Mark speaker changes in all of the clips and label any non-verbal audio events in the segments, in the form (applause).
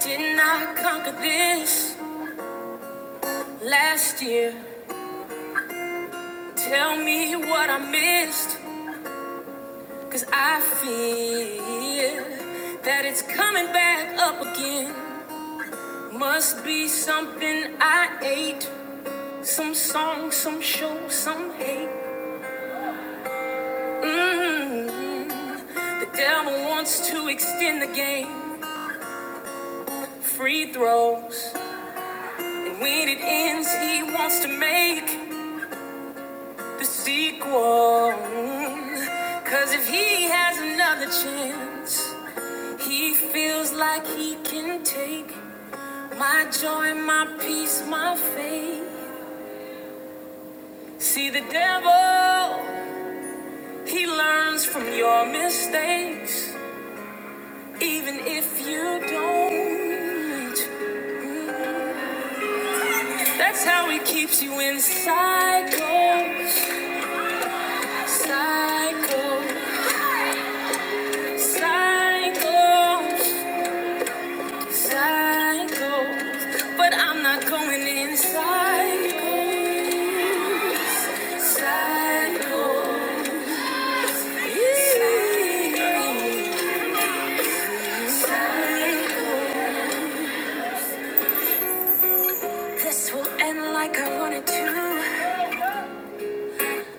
Speaker 1: Didn't I conquer this last year? Tell me what I missed, cause I feel that it's coming back up again. Must be something I ate. Some song, some show, some hate. mm The devil wants to extend the game. Free throws. And when it ends, he wants to make the sequel. Cause if he has another chance, he feels like he can take my joy, my peace, my faith. See the devil. He learns from your mistakes, even if you don't. That's how he keeps you in cycle, cycle, cycle, cycle. But I'm not going in cycles, cycles, cycles. This will end like I wanted to.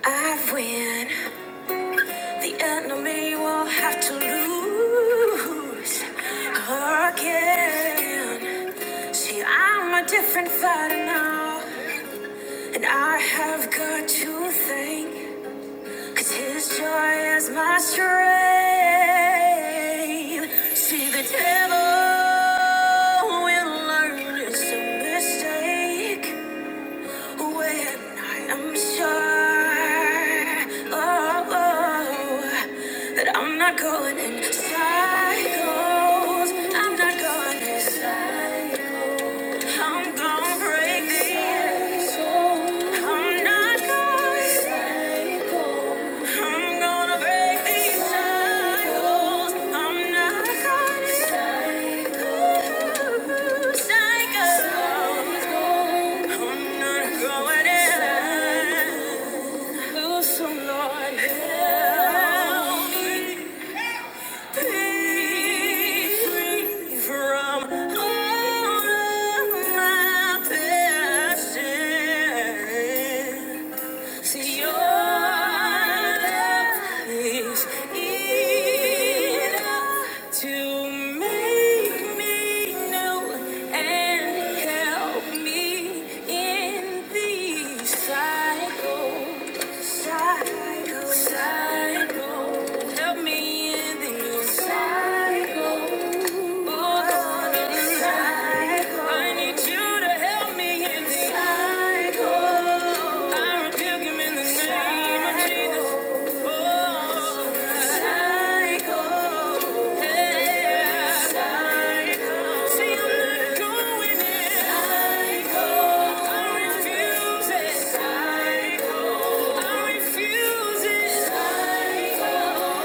Speaker 1: I win. The enemy will have to lose again. See, I'm a different fighter now, and I have got to thank, cause his joy is my strength. See, the devil will learn it's a mistake. When I'm sure, oh, oh, that I'm not going in I'm not going inside. I'm gonna break the cycle. I'm not going cycle. I'm gonna break these cycles. I'm not going cycle. Cycle. I'm not going in. Loose, oh Lord, help me be free from all of my passion. See your love is enough to make me new and help me in these cycles. cycle, cycle. Help me in these cycles. Oh, Lord, in these cycles. I need you to help me in these cycles. I rebuke him in the name of Jesus. Oh, psycho. See, I'm not going there. I refuse it. Psycho. I refuse it. Psycho. Oh, I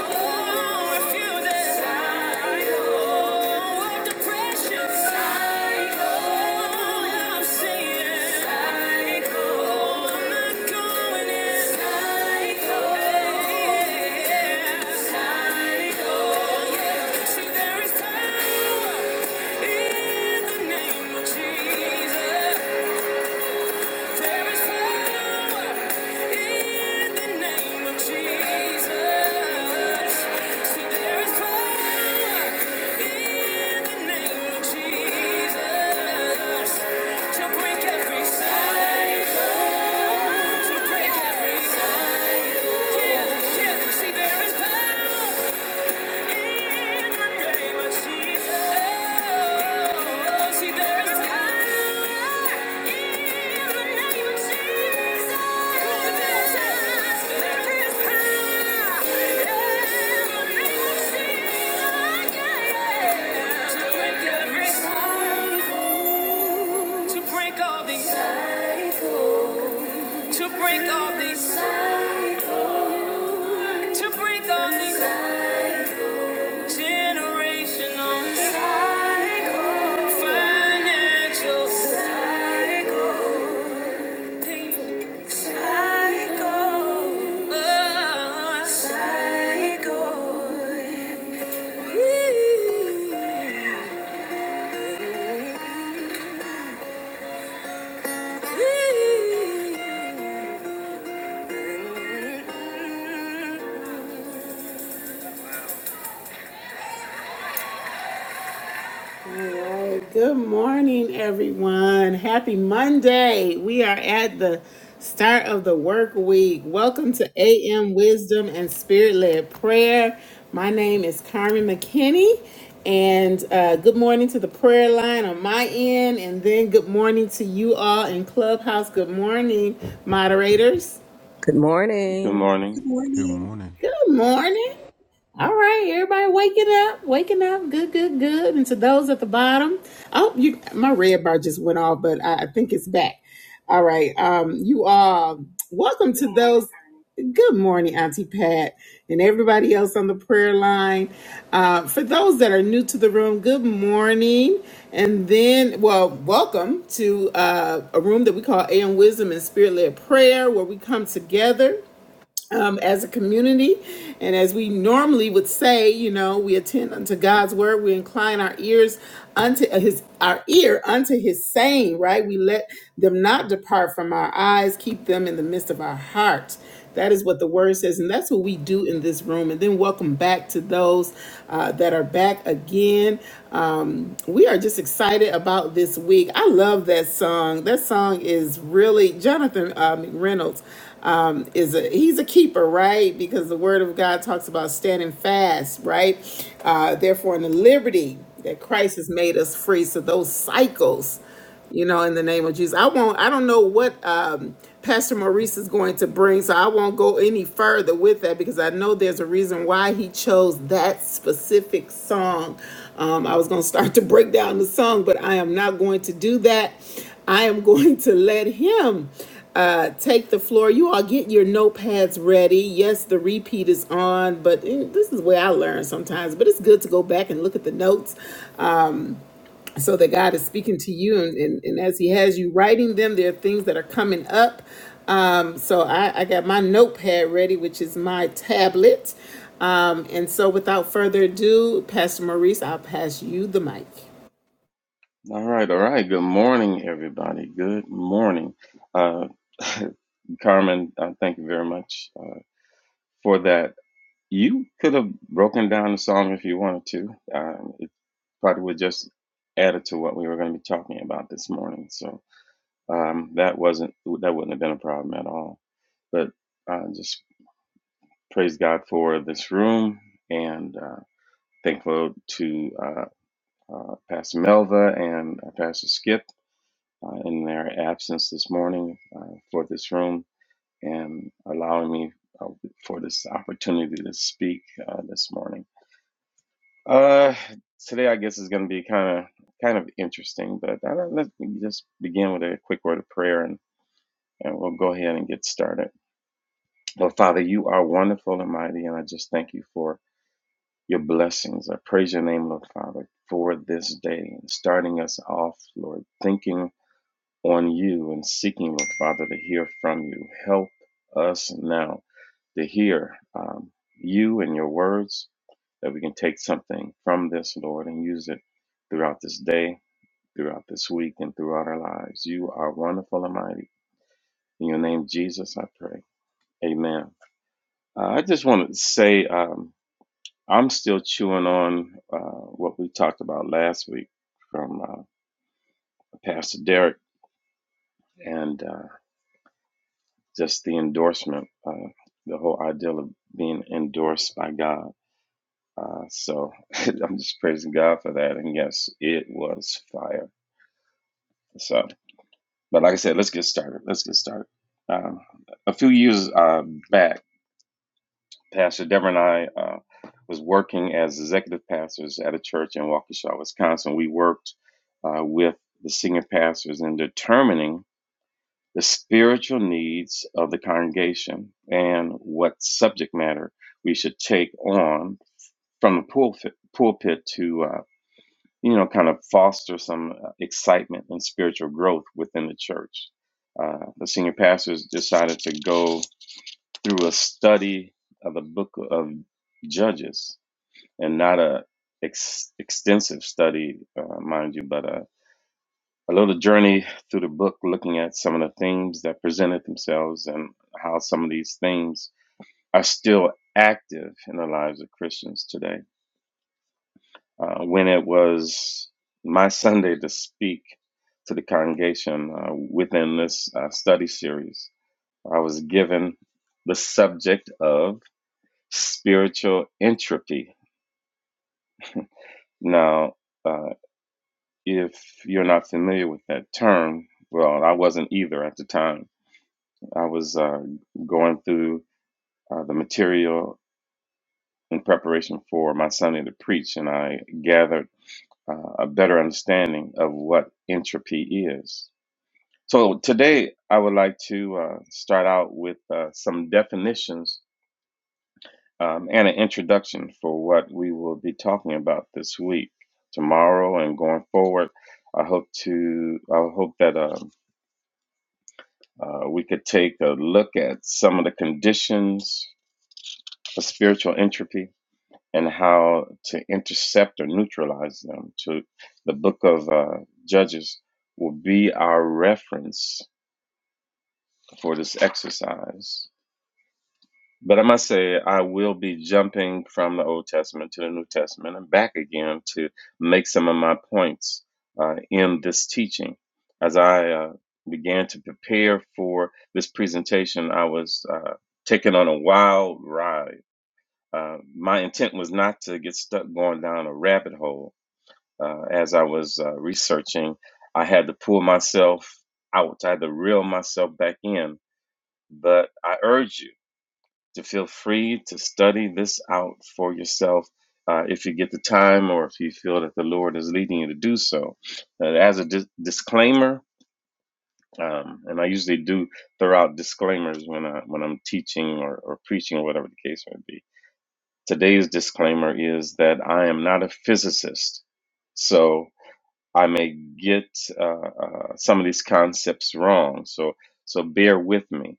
Speaker 1: refuse it. Psycho. Oh, what the pressure. Psycho. Oh, I'm saying. Psycho. I'm not going there. Psycho. There is power in the name of Jesus. There is power in the name of Jesus. See, there is power in the name of Jesus. To break every cycle, to break every cycle. Yeah, yeah. See, there is power. To break all these, to break all these, to break all these. Generational cycle, financial cycle, painful cycle, uh, cycle. Alright, Good morning, everyone. Happy Monday. We are at the start of the work week. Welcome to AM Wisdom and Spirit Led Prayer. My name is Carmen McKinney, and uh, good morning to the prayer line on my end, and then good morning to you all in Clubhouse. Good morning, moderators.
Speaker 2: Good
Speaker 3: Good
Speaker 2: morning.
Speaker 3: morning.
Speaker 4: Good
Speaker 5: Good
Speaker 4: morning.
Speaker 5: morning.
Speaker 1: Good morning. All right, everybody waking up, waking up, good, good, good. And to those at the bottom, oh, you, my red bar just went off, but I, I think it's back. All right, um, you all, welcome to those. Good morning, Auntie Pat, and everybody else on the prayer line. Uh, for those that are new to the room, good morning. And then, well, welcome to uh, a room that we call AM Wisdom and Spirit Led Prayer, where we come together um, as a community. And as we normally would say, you know, we attend unto God's word. We incline our ears unto his, our ear unto his saying, right? We let them not depart from our eyes, keep them in the midst of our heart. That is what the word says, and that's what we do in this room. And then welcome back to those uh, that are back again. Um, we we are just excited about this week. I love that song. That song is really Jonathan uh, McReynolds um, is a he's a keeper, right? Because the Word of God talks about standing fast, right? Uh, therefore, in the liberty that Christ has made us free, so those cycles you know, in the name of Jesus. I won't, I don't know what um, Pastor Maurice is going to bring, so I won't go any further with that because I know there's a reason why he chose that specific song. Um, I was going to start to break down the song, but I am not going to do that. I am (laughs) going to let him uh, take the floor. You all get your notepads ready. Yes, the repeat is on, but eh, this is where I learn sometimes. But it's good to go back and look at the notes so that God is speaking to you, and, and, and as He has you writing them, there are things that are coming up. Um, so I, I got my notepad ready, which is my tablet. Um, and so without further ado, Pastor Maurice, I'll pass you the mic.
Speaker 3: All right, all right. Good morning, everybody. Good morning. Uh, (laughs) Carmen, uh, thank you very much uh, for that. You could have broken down the song if you wanted to. Um, it probably would just add it to what we were going to be talking about this morning. So um, that wasn't that wouldn't have been a problem at all. But uh, just praise God for this room and uh, thankful to uh, uh, Pastor Melva and uh, Pastor Skip uh, in their absence this morning uh, for this room and allowing me uh, for this opportunity to speak uh, this morning. Uh, today, I guess is going to be kind of kind of interesting, but uh, let's just begin with a quick word of prayer and, and we'll go ahead and get started. Lord Father, you are wonderful and mighty, and I just thank you for your blessings. I praise your name, Lord Father, for this day and starting us off, Lord, thinking on you and seeking, Lord Father, to hear from you. Help us now to hear um, you and your words that we can take something from this, Lord, and use it throughout this day, throughout this week, and throughout our lives. You are wonderful and mighty. In your name, Jesus, I pray. Amen. Uh, I just wanted to say um, I'm still chewing on uh, what we talked about last week from uh, Pastor Derek, and uh, just the endorsement, uh, the whole idea of being endorsed by God. Uh, so (laughs) I'm just praising God for that. And yes, it was fire. So, but like I said, let's get started. Let's get started. Um, a few years uh, back, Pastor Deborah and I uh, was working as executive pastors at a church in Waukesha, Wisconsin. We worked uh, with the senior pastors in determining the spiritual needs of the congregation and what subject matter we should take on from the pulpit, pulpit to uh, you know kind of foster some uh, excitement and spiritual growth within the church. Uh, the senior pastors decided to go through a study of the book of Judges and not a ex- extensive study, uh, mind you, but a a little journey through the book looking at some of the themes that presented themselves and how some of these themes are still active in the lives of Christians today. Uh, when it was my (laughs) Sunday to speak to the congregation uh, within this uh, study series, I was given the subject of spiritual entropy. Now, uh, if you're not familiar with that term, well, I wasn't either at the time I was uh, going through uh, the material in preparation for my Sunday to preach, and I gathered uh, a better understanding of what entropy is. So today, I would like to uh, start out with uh, some definitions um, and an introduction for what we will be talking about this week, tomorrow, and going forward. I hope to. I hope that um uh, we could take a look at some of the conditions of spiritual entropy and how to intercept or neutralize them. To the book of uh, Judges will be our reference for this exercise. But I must say, I will be jumping from the Old Testament to the New Testament and back again to make some of my points uh, in this teaching. As I uh, began to prepare for this presentation, I was uh, taken on a wild ride. Uh, my intent was not to get stuck going down a rabbit hole, uh, as I was uh, researching, I had to pull myself out. I had to reel myself back in. But I urge you to feel free to study this out for yourself uh, if you get the time or if you feel that the Lord is leading you to do so. Uh, as a dis- disclaimer, um, and I usually do throw out disclaimers when I when I'm teaching or, or preaching or whatever the case may be. Today's disclaimer is that I am not a physicist, so I may get uh, uh, some of these concepts wrong. So so bear with me,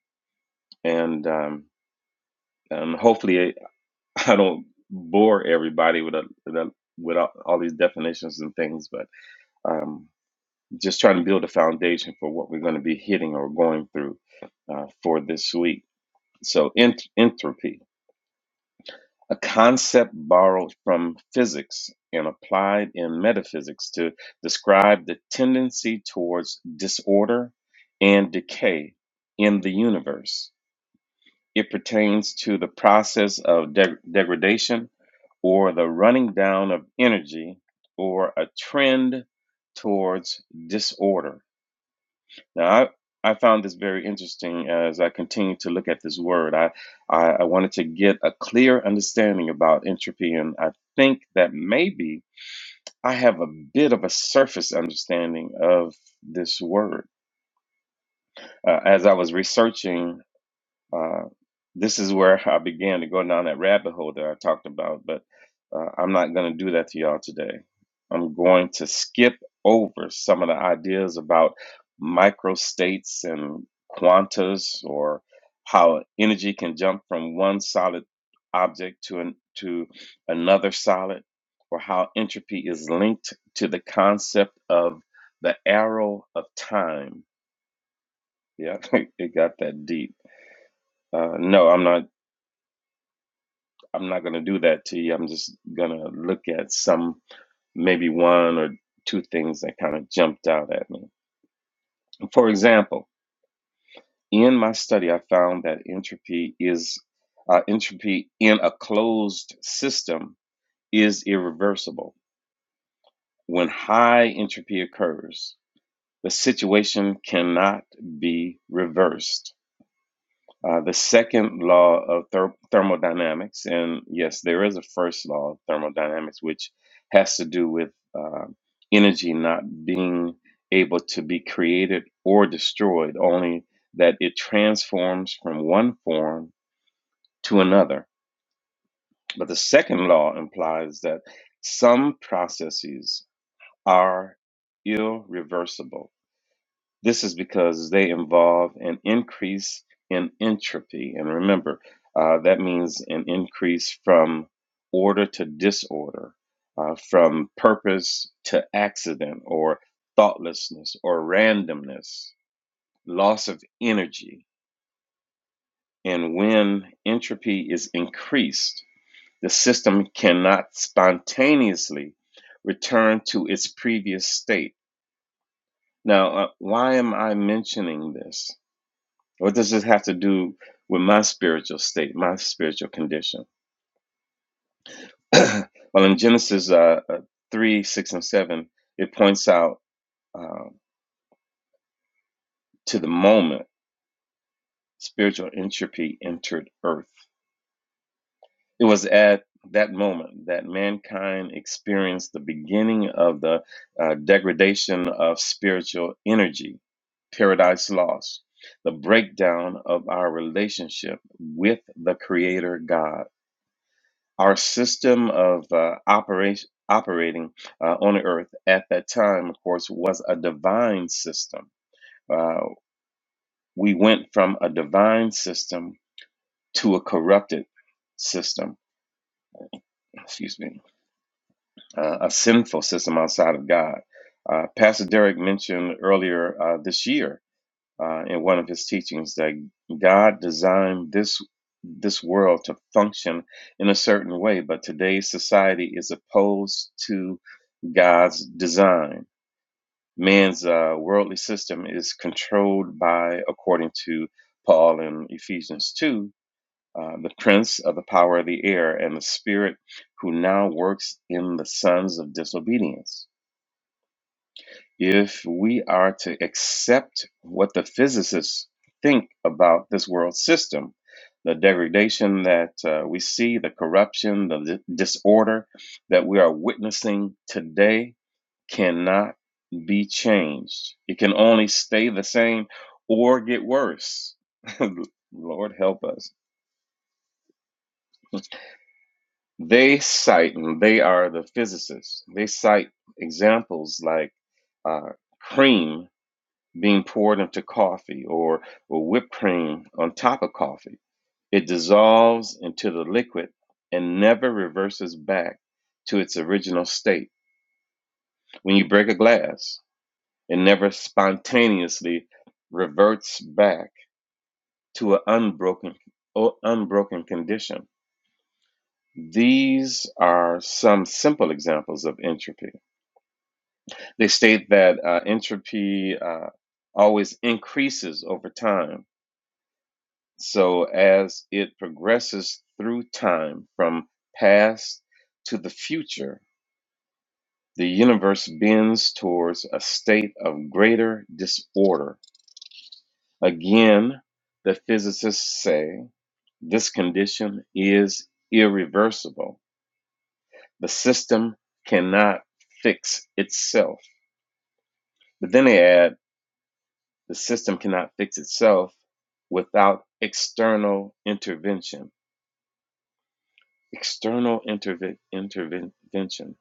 Speaker 3: and um, and hopefully (laughs) I don't bore everybody with a, with, a, with all, all these definitions and things, but um, just trying to build a foundation for what we're going to be hitting or going through uh, for this week. So ent- entropy. a concept borrowed from physics and applied in metaphysics to describe the tendency towards disorder and decay in the universe. It pertains to the process of deg- degradation or the running down of energy or a trend towards disorder. Now, I, I found this very interesting as I continued to look at this word. I, I, I wanted to get a clear understanding about entropy, and I think that maybe I have a bit of a surface understanding of this word. Uh, as I was researching uh, this is where I began to go down that rabbit hole that I talked about, but uh, I'm not going to do that to y'all today. I'm going to skip over some of the ideas about microstates and quantas or how energy can jump from one solid object to an, to another solid or how entropy is linked to the concept of the arrow of time. Yeah, (laughs) it got that deep. Uh, no, I'm not I'm not going to do that to you. I'm just going to look at some, maybe one or two things that kind of jumped out at me. For example, in my study, I found that entropy is uh, entropy in a closed system is irreversible. When high entropy occurs, the situation cannot be reversed Uh, the second law of ther- thermodynamics, and yes, there is a first law of thermodynamics, which has to do with uh, energy not being able to be created or destroyed, only that it transforms from one form to another. But the second law implies that some processes are irreversible this is because they involve an increase in entropy. And remember, uh, that means an increase from order to disorder, uh, from purpose to accident, or thoughtlessness, or randomness, loss of energy. And when entropy is increased, the system cannot spontaneously return to its previous state. Now, uh, why am I mentioning this? What does this have to do with my spiritual state, my spiritual condition? (clears throat) well, in Genesis uh, uh, 3, 6, and 7, it points out uh, to the moment spiritual entropy entered earth. It was at that moment that mankind experienced the beginning of the uh, degradation of spiritual energy, paradise lost, the breakdown of our relationship with the Creator God Our system of uh, operation, operating uh, on earth at that time, of course, was a divine system. Uh, we went from a divine system to a corrupted system, excuse me, uh, a sinful system outside of God. Uh, Pastor Derek mentioned earlier uh, this year uh, in one of his teachings that God designed this this world to function in a certain way, but today's society is opposed to God's design. Man's uh, worldly system is controlled by, according to Paul in Ephesians 2, uh, the prince of the power of the air and the spirit who now works in the sons of disobedience. If we are to accept what the physicists think about this world system, the degradation that uh, we see, the corruption, the disorder that we are witnessing today, cannot be changed. It can only stay the same or get worse. (laughs) Lord help us. They cite, and they are the physicists, they cite examples like uh, cream being poured into coffee or, or whipped cream on top of coffee. It dissolves into the liquid and never reverses back to its original state. When you break a glass, It never spontaneously reverts back to an unbroken, o- unbroken condition. These are some simple examples of entropy. They state that uh, entropy uh, always increases over time. So, as it progresses through time from past to the future, the universe bends towards a state of greater disorder. Again, the physicists say This condition is irreversible. The system cannot fix itself. But then they add the system cannot fix itself without external intervention. External interve- intervention.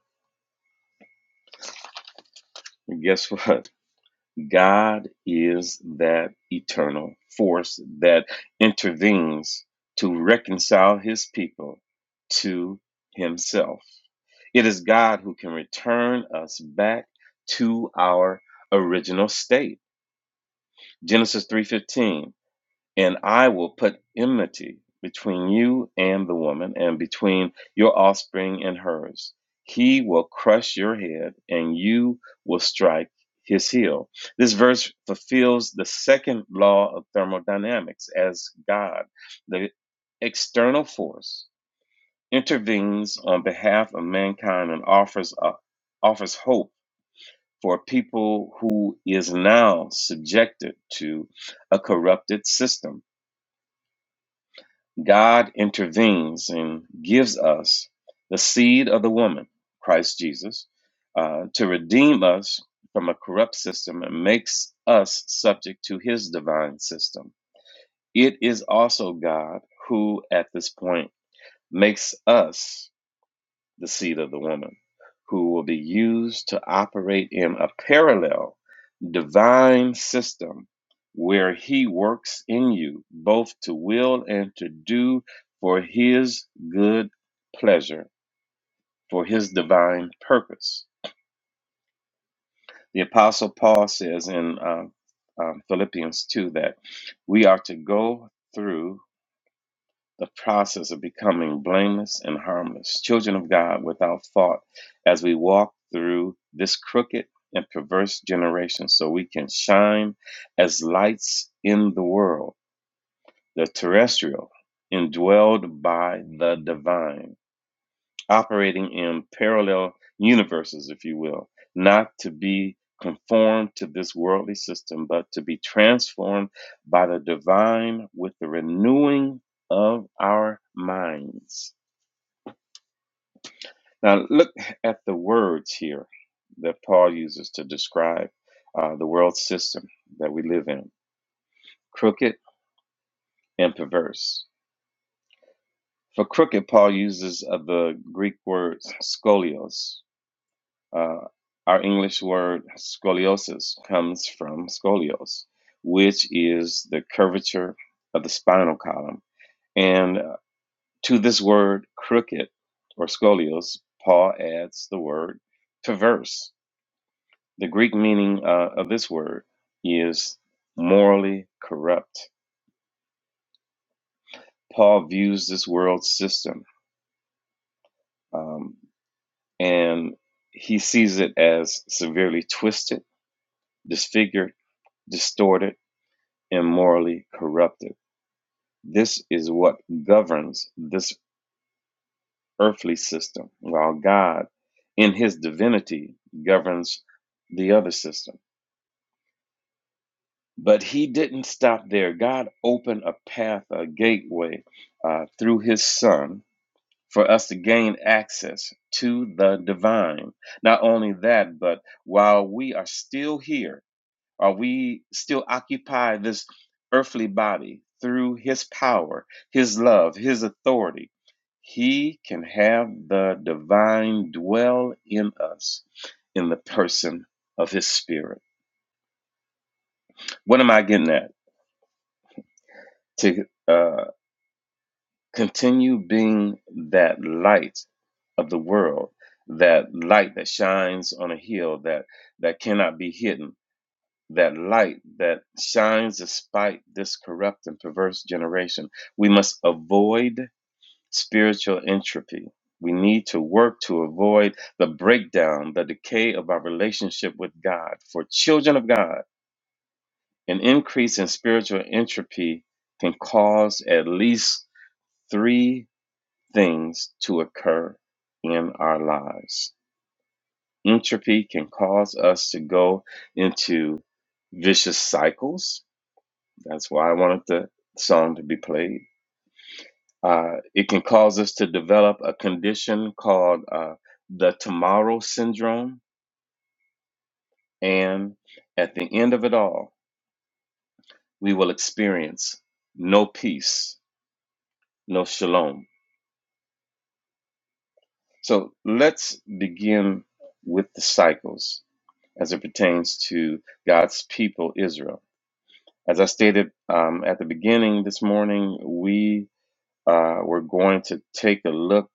Speaker 3: And guess (laughs) what? God is that eternal force that intervenes to reconcile his people to himself. It is God who can return us back to our original state. Genesis 3:15, and I will put enmity between you and the woman and between your offspring and hers. He will crush your head and you will strike his heel. This verse fulfills the second law of thermodynamics as God, the external force intervenes on behalf of mankind and offers a, offers hope for a people who is now subjected to a corrupted system. God intervenes and gives us the seed of the woman, Christ Jesus, uh, to redeem us from a corrupt system and makes us subject to his divine system. It is also God who, at this point, makes us the seed of the woman, who will be used to operate in a parallel divine system where he works in you both to will and to do for his good pleasure, for his divine purpose. The Apostle Paul says in uh, um, Philippians 2 that we are to go through the process of becoming blameless and harmless, children of God without fault, as we walk through this crooked and perverse generation, so we can shine as lights in the world, the terrestrial, indwelled by the divine operating in parallel universes, if you will, not to be conformed to this worldly system, but to be transformed by the divine with the renewing of our minds. Now, look at the words here that Paul uses to describe uh, the world system that we live in crooked and perverse. For crooked, Paul uses uh, the Greek word scolios, Uh, our English word scoliosis comes from scolios, which is the curvature of the spinal column. And uh, to this word crooked or scolios, Paul adds the word perverse. The Greek meaning uh, of this word is morally corrupt. Paul views this world system um, and he sees it as severely twisted, disfigured, distorted and morally corrupted. This is what governs this earthly system, while God, in his divinity, governs the other system. But he didn't stop there. God opened a path, a gateway uh, through his son for us to gain access to the divine. Not only that, but while we are still here, Are we still occupy this earthly body through his power, his love, his authority? He can have the divine dwell in us in the person of his spirit. What am I getting at? To uh, continue being that light of the world, that light that shines on a hill that, that cannot be hidden that light that shines despite this corrupt and perverse generation. We must avoid spiritual entropy. We need to work to avoid the breakdown, the decay of our relationship with God. For children of God, an increase in spiritual entropy can cause at least three things to occur in our lives. Entropy can cause us to go into vicious cycles That's why I wanted the song to be played. Uh, it can cause us to develop a condition called uh, the tomorrow syndrome. And at the end of it all, we will experience no peace, no shalom. So let's begin with the cycles as it pertains to God's people, Israel. As I stated um, at the beginning this morning, we Uh, we're going to take a look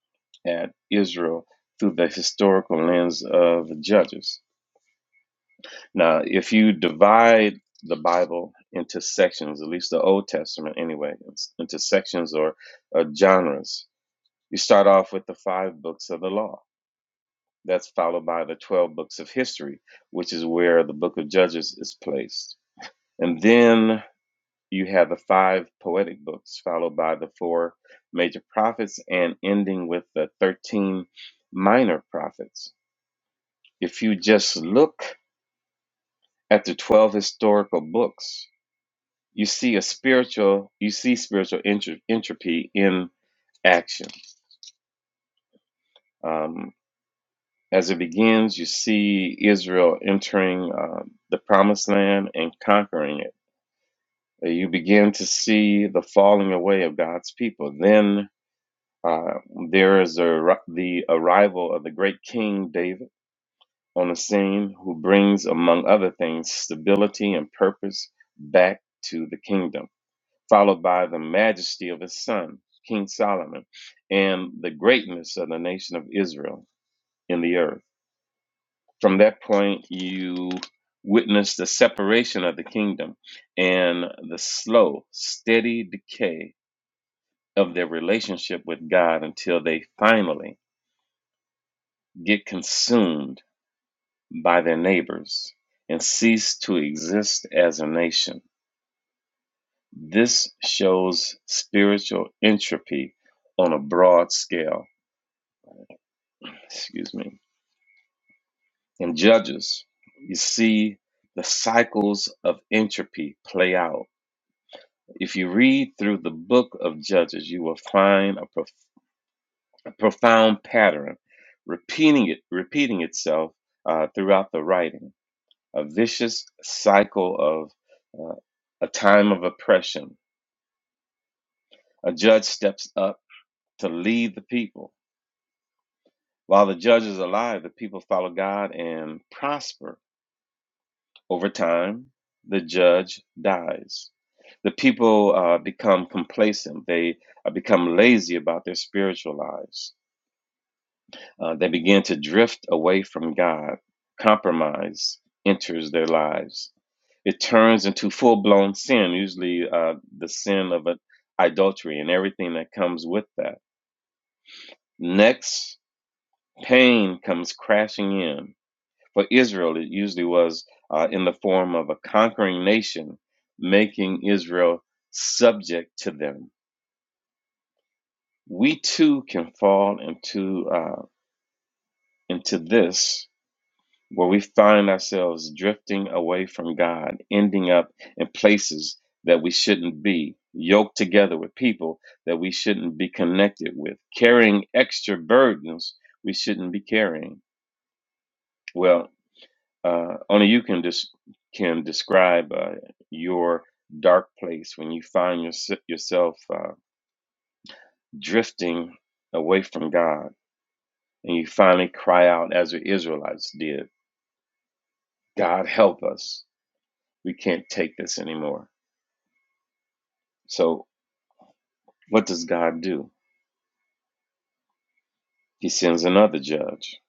Speaker 3: at Israel through the historical lens of Judges. Now, if you divide the Bible into sections, at least the Old Testament anyway, into sections or uh, genres, you start off with the five books of the law. That's followed by the 12 books of history, which is where the book of Judges is placed. And then you have the five poetic books, followed by the four major prophets, and ending with the 13 minor prophets. If you just look at the 12 historical books, you see a spiritual, you see spiritual entropy in action. Um, as it begins, you see Israel entering uh, the promised land and conquering it. You begin to see the falling away of God's people. Then Uh, there is a, the arrival of the great King David on the scene, who brings, among other things, stability and purpose back to the kingdom, followed by the majesty of his son, King Solomon, and the greatness of the nation of Israel in the earth. From that point, you witness the separation of the kingdom and the slow, steady decay of their relationship with God until they finally get consumed by their neighbors and cease to exist as a nation. This shows spiritual entropy on a broad scale. Excuse me. In Judges, you see the cycles of entropy play out. If you read through the book of Judges, you will find a, prof- a profound pattern repeating it, repeating itself uh, throughout the writing a vicious cycle of uh, a time of oppression. A judge steps up to lead the people. While the judge is alive, the people follow God and prosper. Over time, the judge dies. The people uh, become complacent. They uh, become lazy about their spiritual lives. Uh, they begin to drift away from God. Compromise enters their lives it turns into full blown sin, usually uh, the sin of uh, adultery and everything that comes with that. Next, pain comes crashing in. For Israel, it usually was uh, in the form of a conquering nation, making Israel subject to them. We too can fall into uh, into this where we find ourselves drifting away from God, ending up in places that we shouldn't be, yoked together with people that we shouldn't be connected with, carrying extra burdens we shouldn't be carrying. Well, uh, only you can just des- can describe uh, your dark place when you find your- yourself uh, drifting away from God, and you finally cry out as the Israelites did, "God help us! We can't take this anymore." So, what does God do? He sends another judge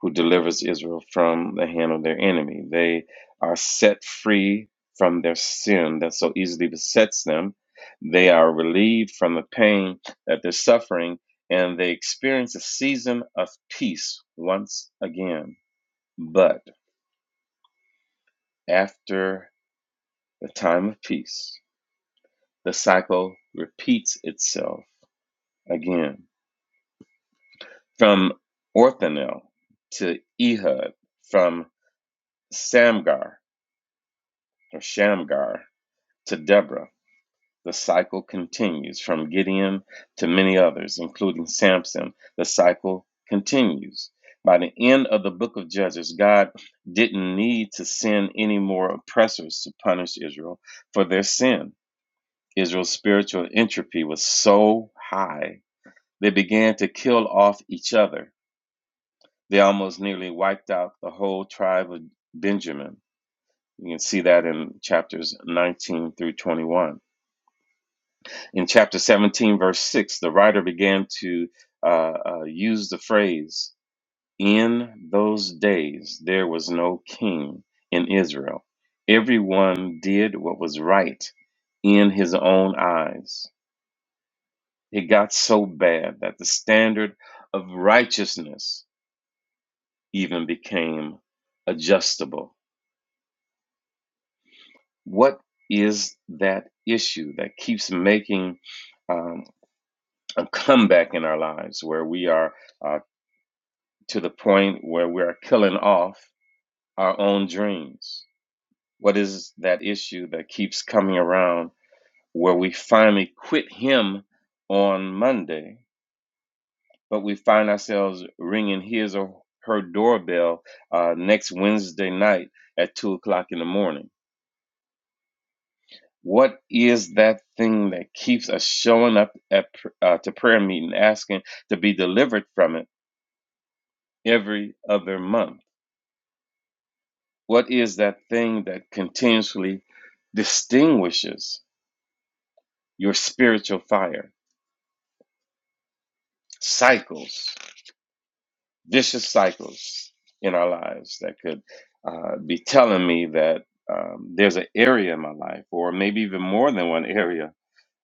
Speaker 3: who delivers Israel from the hand of their enemy. They are set free from their sin that so easily besets them. They are relieved from the pain that they're suffering, and they experience a season of peace once again. But after the time of peace, the cycle repeats itself again. from Orthanil to Ehud, from Samgar or Shamgar to Deborah. The cycle continues from Gideon to many others, including Samson. The cycle continues. By the end of the book of Judges, God didn't need to send any more oppressors to punish Israel for their sin. Israel's spiritual entropy was so high, they began to kill off each other They almost nearly wiped out the whole tribe of Benjamin. You can see that in chapters 19 through 21. In chapter 17, verse 6, the writer began to uh, uh, use the phrase, In those days there was no king in Israel. Everyone did what was right in his own eyes. It got so bad that the standard of righteousness even became adjustable. What is that issue that keeps making um, a comeback in our lives where we are uh, to the point where we are killing off our own dreams? What is that issue that keeps coming around where we finally quit Him on Monday, but we find ourselves ringing his or her doorbell uh, next Wednesday night at two o'clock in the morning? What is that thing that keeps us showing up at uh, to prayer meeting asking to be delivered from it every other month? What is that thing that continuously distinguishes your spiritual fire? Cycles, vicious cycles in our lives that could uh, be telling me that um, there's an area in my life, or maybe even more than one area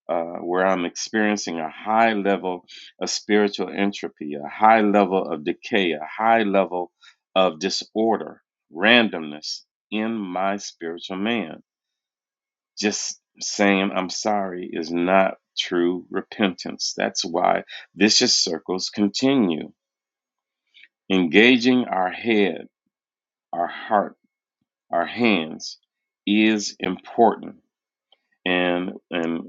Speaker 3: uh, where I'm experiencing a high level of spiritual entropy, a high level of decay, a high level of disorder, randomness in my spiritual man. Just saying I'm sorry is not true repentance. That's why vicious circles continue. Engaging our head, our heart, our hands is important. And, and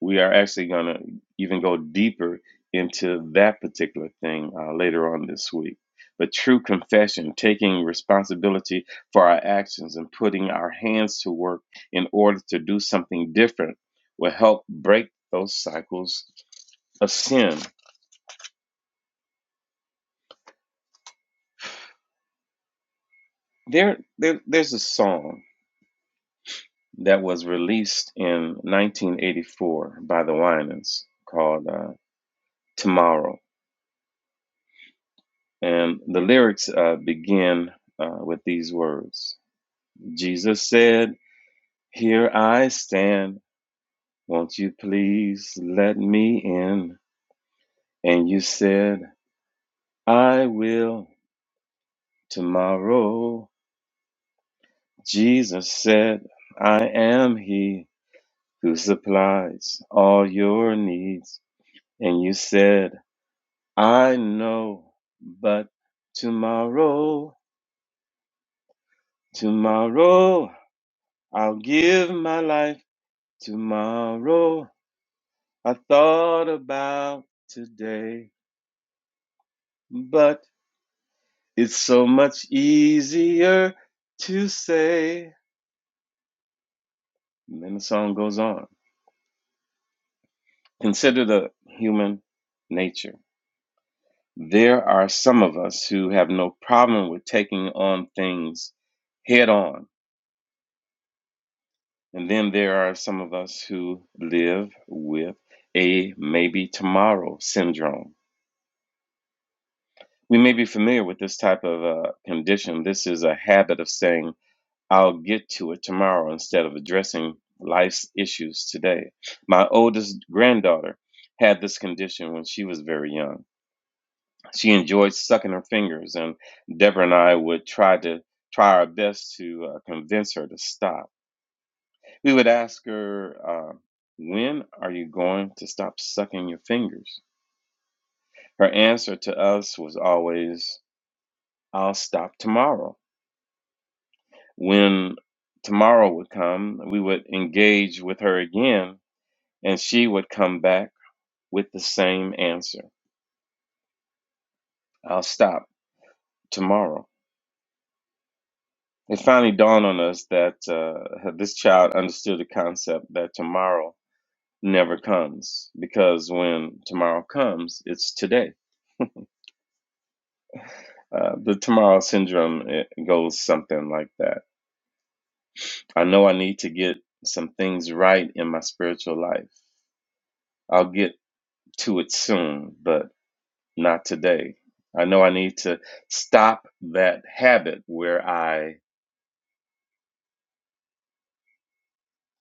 Speaker 3: we are actually going to even go deeper into that particular thing uh, later on this week. But true confession, taking responsibility for our actions and putting our hands to work in order to do something different, will help break those cycles of sin. There, there there's a song that was released in 1984 by the Winans called uh, "Tomorrow," and the lyrics uh, begin uh, with these words Jesus said, Here I stand. Won't you please let me in? And you said, I will tomorrow. Jesus said, I am he who supplies all your needs. And you said, I know, but tomorrow, tomorrow, I'll give my life tomorrow. I thought about today, but It's so much easier to say. And then the song goes on. Consider the human nature. There are some of us who have no problem with taking on things head on. And then there are some of us who live with a maybe tomorrow syndrome. We may be familiar with this type of uh, condition. This is a habit of saying I'll get to it tomorrow instead of addressing life's issues today. My oldest granddaughter had this condition when she was very young. She enjoyed sucking her fingers, and Deborah and I would try to try our best to uh, convince her to stop. We would ask her, uh, "When are you going to stop sucking your fingers?" Her answer to us was always, "I'll stop tomorrow." When tomorrow would come, we would engage with her again And she would come back with the same answer I'll stop tomorrow. It finally dawned on us that uh, this child understood the concept that tomorrow never comes because when tomorrow comes, it's today. Uh, the tomorrow syndrome it goes something like that. I know I need to get some things right in my spiritual life. I'll get to it soon, but not today. I know I need to stop that habit where I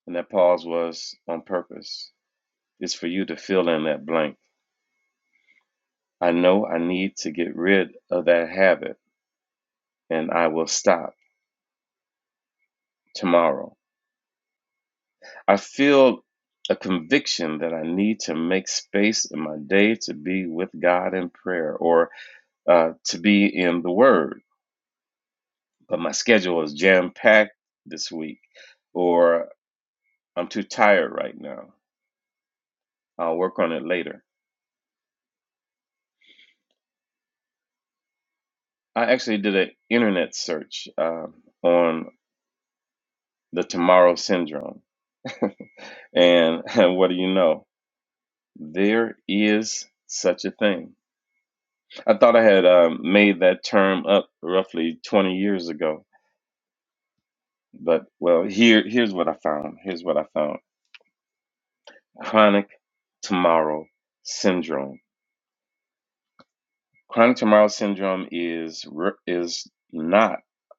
Speaker 3: And that pause was on purpose. It's for you to fill in that blank. I know I need to get rid of that habit and I will stop tomorrow. I feel a conviction that I need to make space in my day to be with God in prayer or uh, to be in the Word. But my schedule is jam packed this week, or I'm too tired right now. I'll work on it later. I actually did an internet search um on the tomorrow syndrome. (laughs) And, and what do you know? There is such a thing. I thought I had um, made that term up roughly 20 years ago, but well, here here's what I found. Here's what I found. Chronic tomorrow syndrome. Chronic tomorrow syndrome is is not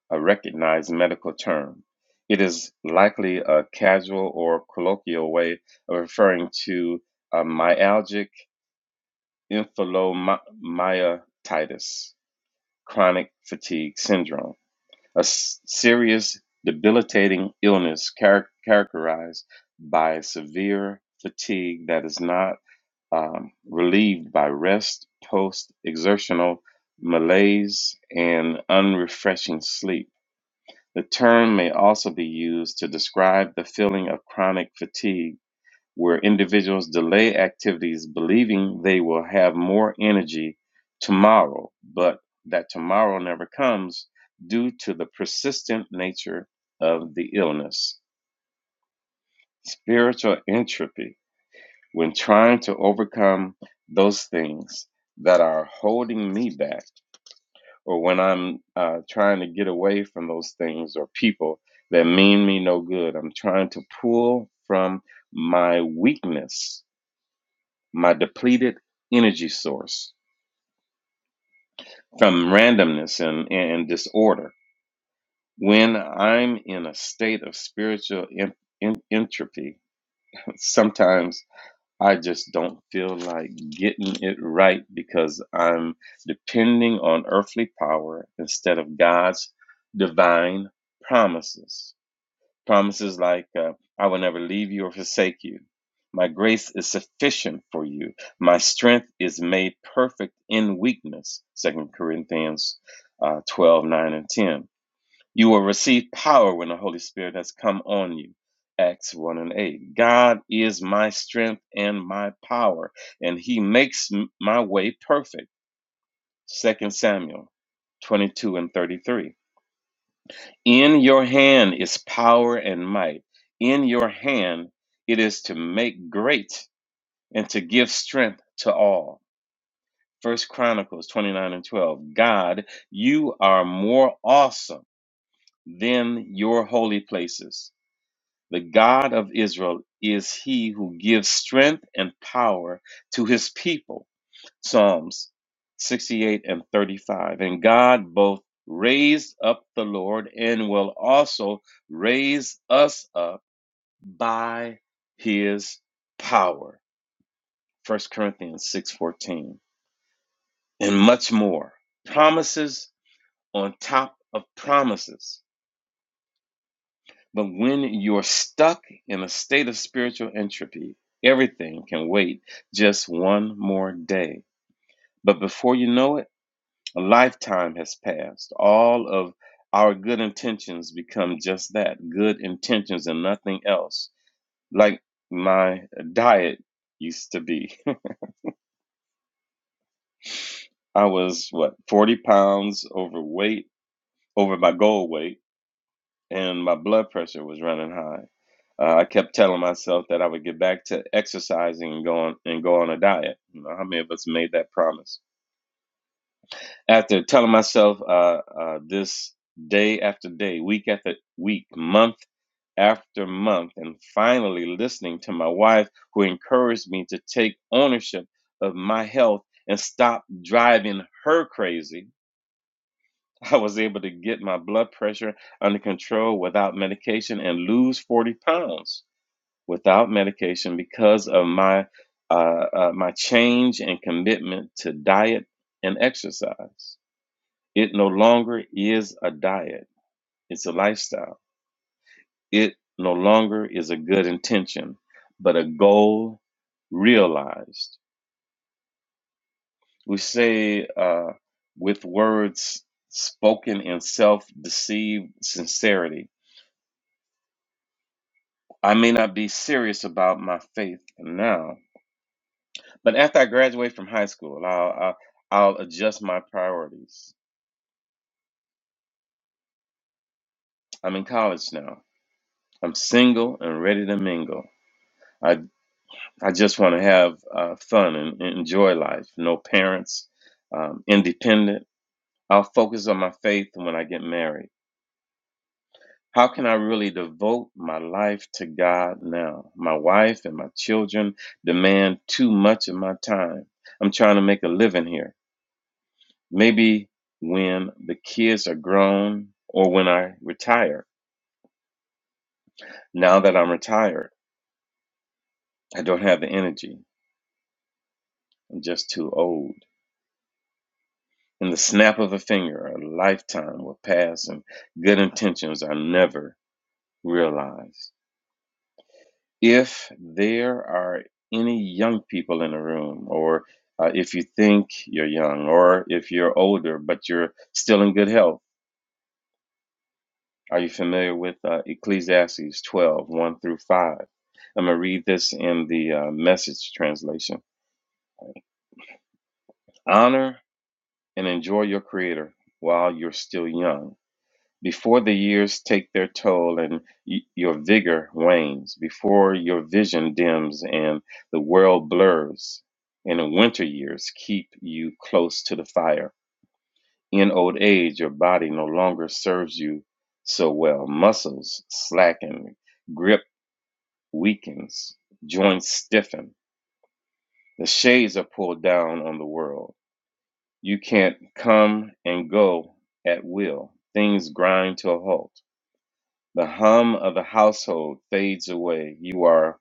Speaker 3: a recognized medical term. It is likely a casual or colloquial way of referring to a myalgic Infilomyositis, chronic fatigue syndrome, a s- serious debilitating illness charac characterized by severe fatigue that is not um, relieved by rest, post exertional malaise, and unrefreshing sleep. The term may also be used to describe the feeling of chronic fatigue where individuals delay activities believing they will have more energy tomorrow, but that tomorrow never comes due to the persistent nature of the illness. Spiritual entropy, when trying to overcome those things that are holding me back, or when I'm uh, trying to get away from those things or people that mean me no good, I'm trying to pull from my weakness my depleted energy source from randomness and, and disorder. When I'm in a state of spiritual en- en- entropy, sometimes I just don't feel like getting it right because I'm depending on earthly power instead of God's divine promises. Promises like, uh, I will never leave you or forsake you. My grace is sufficient for you. My strength is made perfect in weakness. Second Corinthians uh, 12, nine, and 10. You will receive power when the Holy Spirit has come on you. Acts 1 and 8. God is my strength and my power, and he makes my way perfect. Second Samuel 22 and 33. In your hand is power and might. In your hand it is to make great and to give strength to all. First Chronicles 29 and 12. God, you are more awesome than your holy places. The God of Israel is he who gives strength and power to his people Psalms 68 and 35. And God both raised up the Lord and will also raise us up by his power. First Corinthians 6:14. And much more. Promises on top of promises. But when you're stuck in a state of spiritual entropy, everything can wait just one more day. But before you know it, A lifetime has passed. All of our good intentions become just that good intentions and nothing else. Like my diet used to be. (laughs) I was, what, 40 pounds overweight, over my goal weight, and my blood pressure was running high. Uh, I kept telling myself that I would get back to exercising and go on and go on a diet. You know, how many of us made that promise? After telling myself uh, uh, this day after day, week after week, month after month and finally listening to my wife who encouraged me to take ownership of my health and stop driving her crazy i was able to get my blood pressure under control without medication and lose 40 pounds without medication because of my uh, uh, my change and commitment to diet and exercise it no longer is a diet it's a lifestyle It no longer is a good intention, but a goal realized. We say uh, with words spoken in self deceived sincerity, I may not be serious about my faith now, but after I graduate from high school, I'll, I'll, I'll adjust my priorities. I'm in college now. I'm single and ready to mingle. I, I just want to have uh, fun and, and enjoy life. No parents, um, independent I'll focus on my faith when I get married. How can I really devote my life to God now? My wife and my children demand too much of my time. I'm trying to make a living here. Maybe when the kids are grown or when I retire. Now that I'm retired, I don't have the energy. I'm just too old. In the snap of a finger, a lifetime will pass and good intentions are never realized. if there are any young people in the room, or uh, if you think you're young, or if you're older but you're still in good health, are you familiar with uh, Ecclesiastes 12 one through 5? I'm going to read this in the uh, message translation. Honor and enjoy your Creator while you're still young Before the years take their toll and y- your vigor wanes, before your vision dims and the world blurs, and the winter years keep you close to the fire. In old age, your body no longer serves you so well. Muscles slacken, grip weakens, joints stiffen. The shades are pulled down on the world. You can't come and go at will. Things grind to a halt. The hum of the household fades away. You are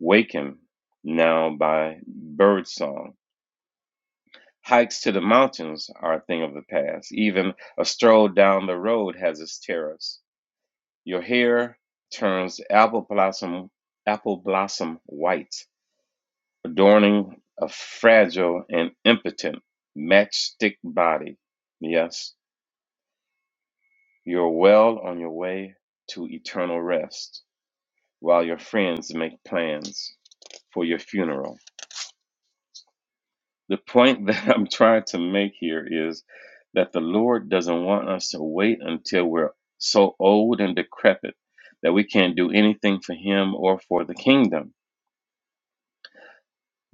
Speaker 3: wakened now by birdsong. Hikes to the mountains are a thing of the past. Even a stroll down the road has its terrors. Your hair turns apple blossom, apple blossom white, adorning a fragile and impotent matchstick body. Yes, you're well on your way to eternal rest. while your friends make plans for your funeral. The point (laughs) that I'm trying to make here is that the Lord doesn't want us to wait until we're so old and decrepit that we can't do anything for Him or for the kingdom.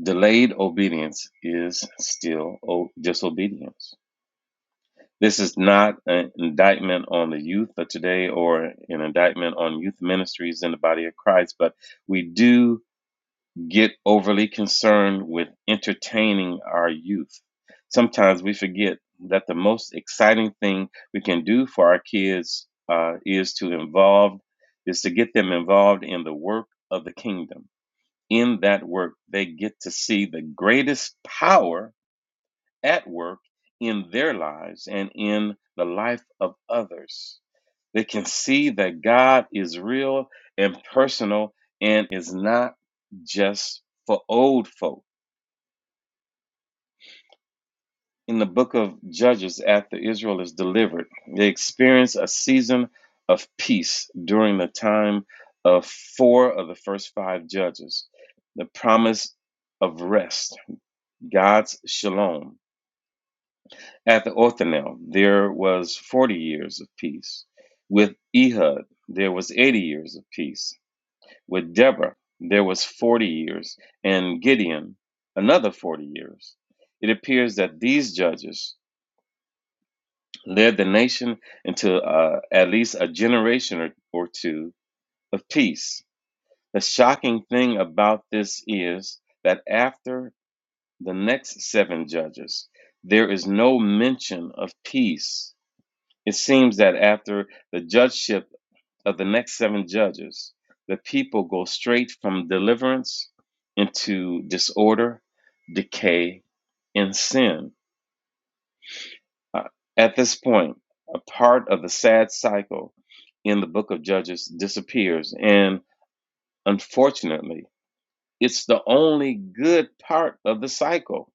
Speaker 3: Delayed obedience is still o- disobedience. This is not an indictment on the youth of today or an indictment on youth ministries in the body of Christ, but we do get overly concerned with entertaining our youth. Sometimes we forget that the most exciting thing we can do for our kids uh, is to involve is to get them involved in the work of the kingdom. In that work, they get to see the greatest power at work in their lives and in the life of others. They can see that God is real and personal and is not just for old folk. In the book of Judges, after Israel is delivered, they experience a season of peace during the time of four of the first five judges. The promise of rest, God's shalom. After Othniel, there was 40 years of peace. With Ehud, there was 80 years of peace With Deborah, there was 40 years, and Gideon, another 40 years. It appears that these judges led the nation into uh, at least a generation or, or two of peace. The shocking thing about this is that after the next seven judges, there is no mention of peace. It seems that after the judgeship of the next seven judges, the people go straight from deliverance into disorder, decay, and sin. Uh, at this point, a part of the sad cycle in the book of Judges disappears. And unfortunately, it's the only good part of the cycle.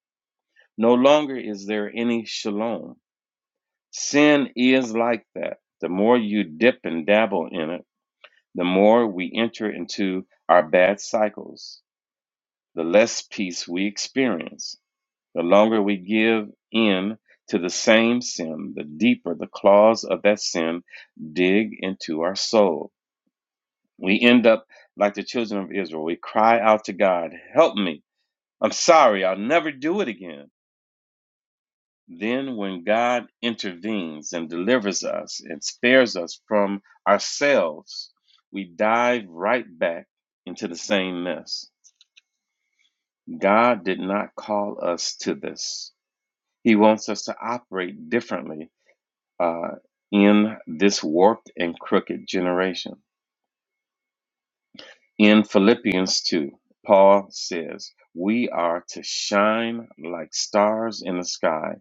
Speaker 3: No longer is there any shalom. Sin is like that. The more you dip and dabble in it, The more we enter into our bad cycles, the less peace we experience. The longer we give in to the same sin, the deeper the claws of that sin dig into our soul. We end up like the children of Israel. We cry out to God, Help me. I'm sorry. I'll never do it again. Then, when God intervenes and delivers us and spares us from ourselves, we dive right back into the same mess. God did not call us to this. He wants us to operate differently uh, in this warped and crooked generation. In Philippians 2, Paul says, We are to shine like stars in the sky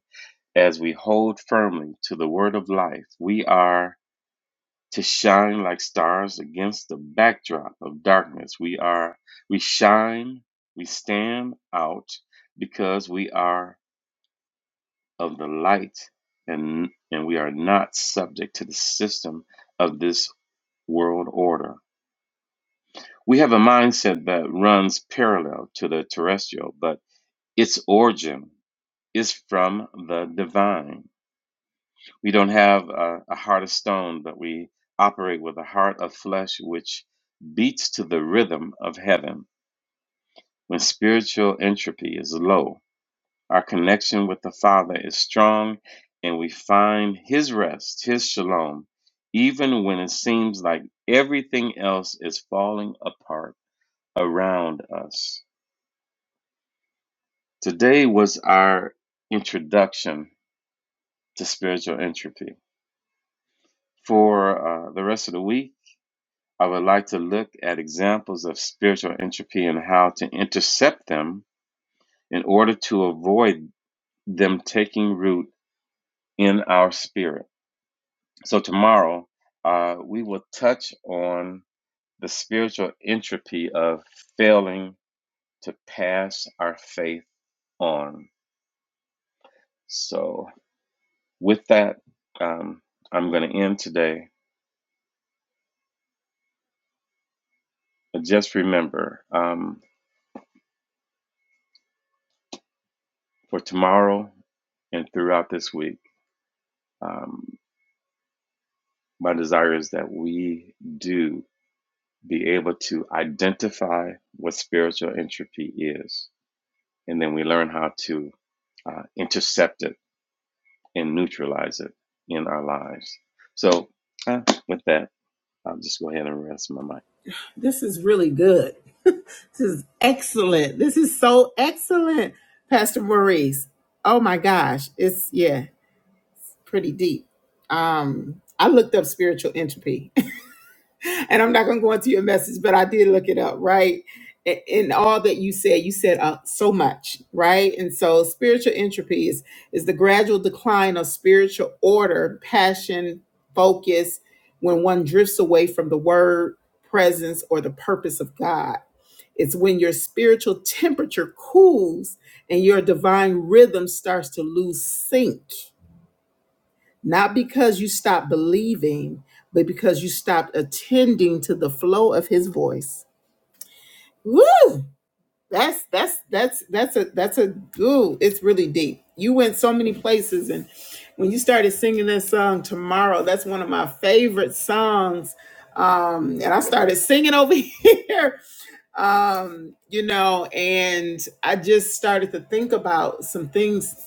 Speaker 3: as we hold firmly to the word of life. We are to shine like stars against the backdrop of darkness. We are, we shine, we stand out because we are of the light, and, and we are not subject to the system of this world order. We have a mindset that runs parallel to the terrestrial, but its origin is from the divine. We don't have a, a heart of stone, but we operate with a heart of flesh which beats to the rhythm of heaven when spiritual entropy is low Our connection with the Father is strong, and we find His rest, His shalom, even when it seems like everything else is falling apart around us. Today was our introduction to spiritual entropy. For uh, the rest of the week, I would like to look at examples of spiritual entropy and how to intercept them in order to avoid them taking root in our spirit. So tomorrow, uh, we will touch on the spiritual entropy of failing to pass our faith on. So with that, um, I'm going to end today. But just remember, um, for tomorrow and throughout this week, um, my desire is that we do be able to identify what spiritual entropy is, and then we learn how to uh, intercept it and neutralize it in our lives. So, uh, with that, I'll just go ahead and rest my mic.
Speaker 1: This is really good. (laughs) this is excellent. This is so excellent, Pastor Maurice. Oh my gosh, it's yeah, pretty deep. Um, I looked up spiritual entropy and I'm not going to go into your message, but I did look it up, right? I- In all that you said, you said uh, so much, right? And so spiritual entropy is, is the gradual decline of spiritual order, passion, focus, when one drifts away from the word, presence, or the purpose of God. It's when your spiritual temperature cools and your divine rhythm starts to lose sync not because you stopped believing, but because you stopped attending to the flow of his voice. Woo! That's that's that's that's a that's a ooh, it's really deep. You went so many places and when you started singing that song tomorrow, that's one of my favorite songs. Um, and I started singing over (laughs) here. Um, you know, and I just started to think about some things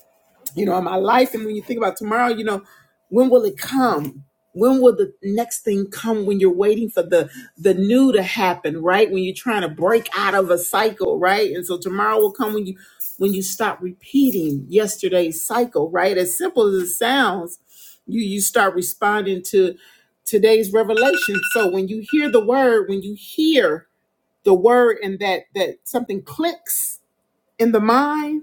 Speaker 1: you know, in my life. And when you think about tomorrow, you know, when will it come? When will the next thing come when you're waiting for the the new to happen, right? When you're trying to break out of a cycle, right? And so tomorrow will come when you when you stop repeating yesterday's cycle, right? As simple as it sounds, you you start responding to today's revelation. So when you hear the word, when you hear the word and that that something clicks in the mind,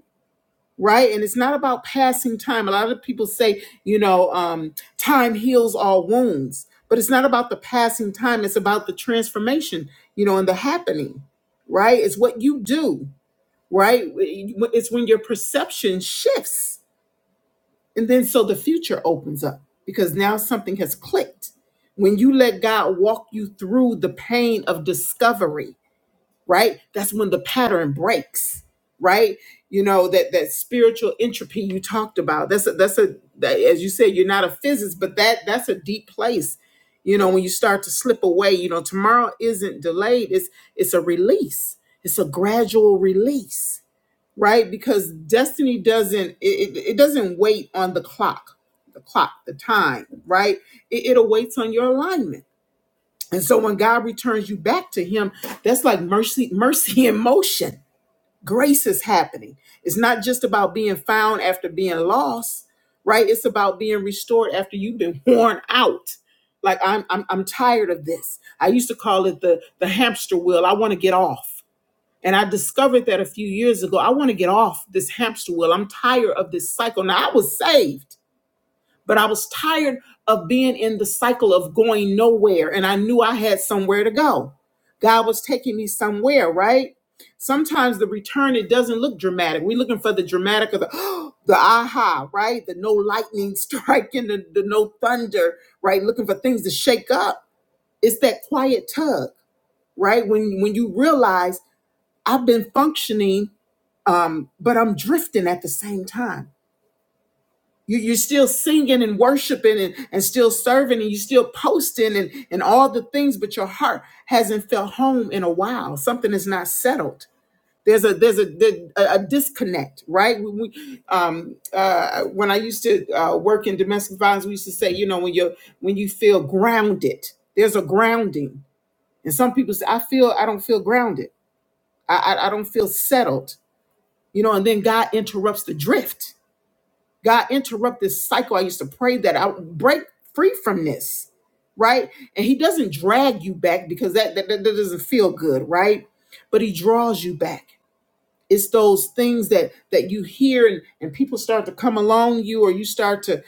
Speaker 1: right? And it's not about passing time. A lot of people say, you know, um, time heals all wounds, but it's not about the passing time. It's about the transformation, you know, and the happening, right? It's what you do, right? It's when your perception shifts. And then so the future opens up because now something has clicked. When you let God walk you through the pain of discovery, right? That's when the pattern breaks, right? You know that that spiritual entropy you talked about. That's a, that's a that, as you said, you're not a physicist, but that that's a deep place. You know when you start to slip away. You know tomorrow isn't delayed. It's it's a release. It's a gradual release, right? Because destiny doesn't it, it, it doesn't wait on the clock, the clock, the time, right? It, it awaits on your alignment and so when God returns you back to him, that's like mercy, mercy in motion. Grace is happening. It's not just about being found after being lost, right? It's about being restored after you've been worn out. Like I'm I'm I'm tired of this. I used to call it the the hamster wheel. I want to get off. And I discovered that a few years ago. I want to get off this hamster wheel. I'm tired of this cycle. Now I was saved but I was tired of being in the cycle of going nowhere. And I knew I had somewhere to go. God was taking me somewhere, right? Sometimes the return, it doesn't look dramatic. We're looking for the dramatic of the, (gasps) the aha, right? The no lightning (laughs) strike and the, the no thunder, right? Looking for things to shake up. It's that quiet tug, right? When when you realize I've been functioning, um, but I'm drifting at the same time. You, you're still singing and worshiping and, and still serving and you're still posting and, and all the things, but your heart hasn't felt home in a while. Something is not settled. There's a there's a there- a, a disconnect, right? When we, um, uh, when I used to uh, work in domestic violence, we used to say, you know, when you are when you feel grounded, there's a grounding, and some people say, I feel I don't feel grounded, I I, I don't feel settled, you know, and then God interrupts the drift God, interrupt this cycle. I used to pray that I would break free from this, right? And He doesn't drag you back because that, that, that doesn't feel good, right? But He draws you back. It's those things that that you hear and, and people start to come along you, or you start to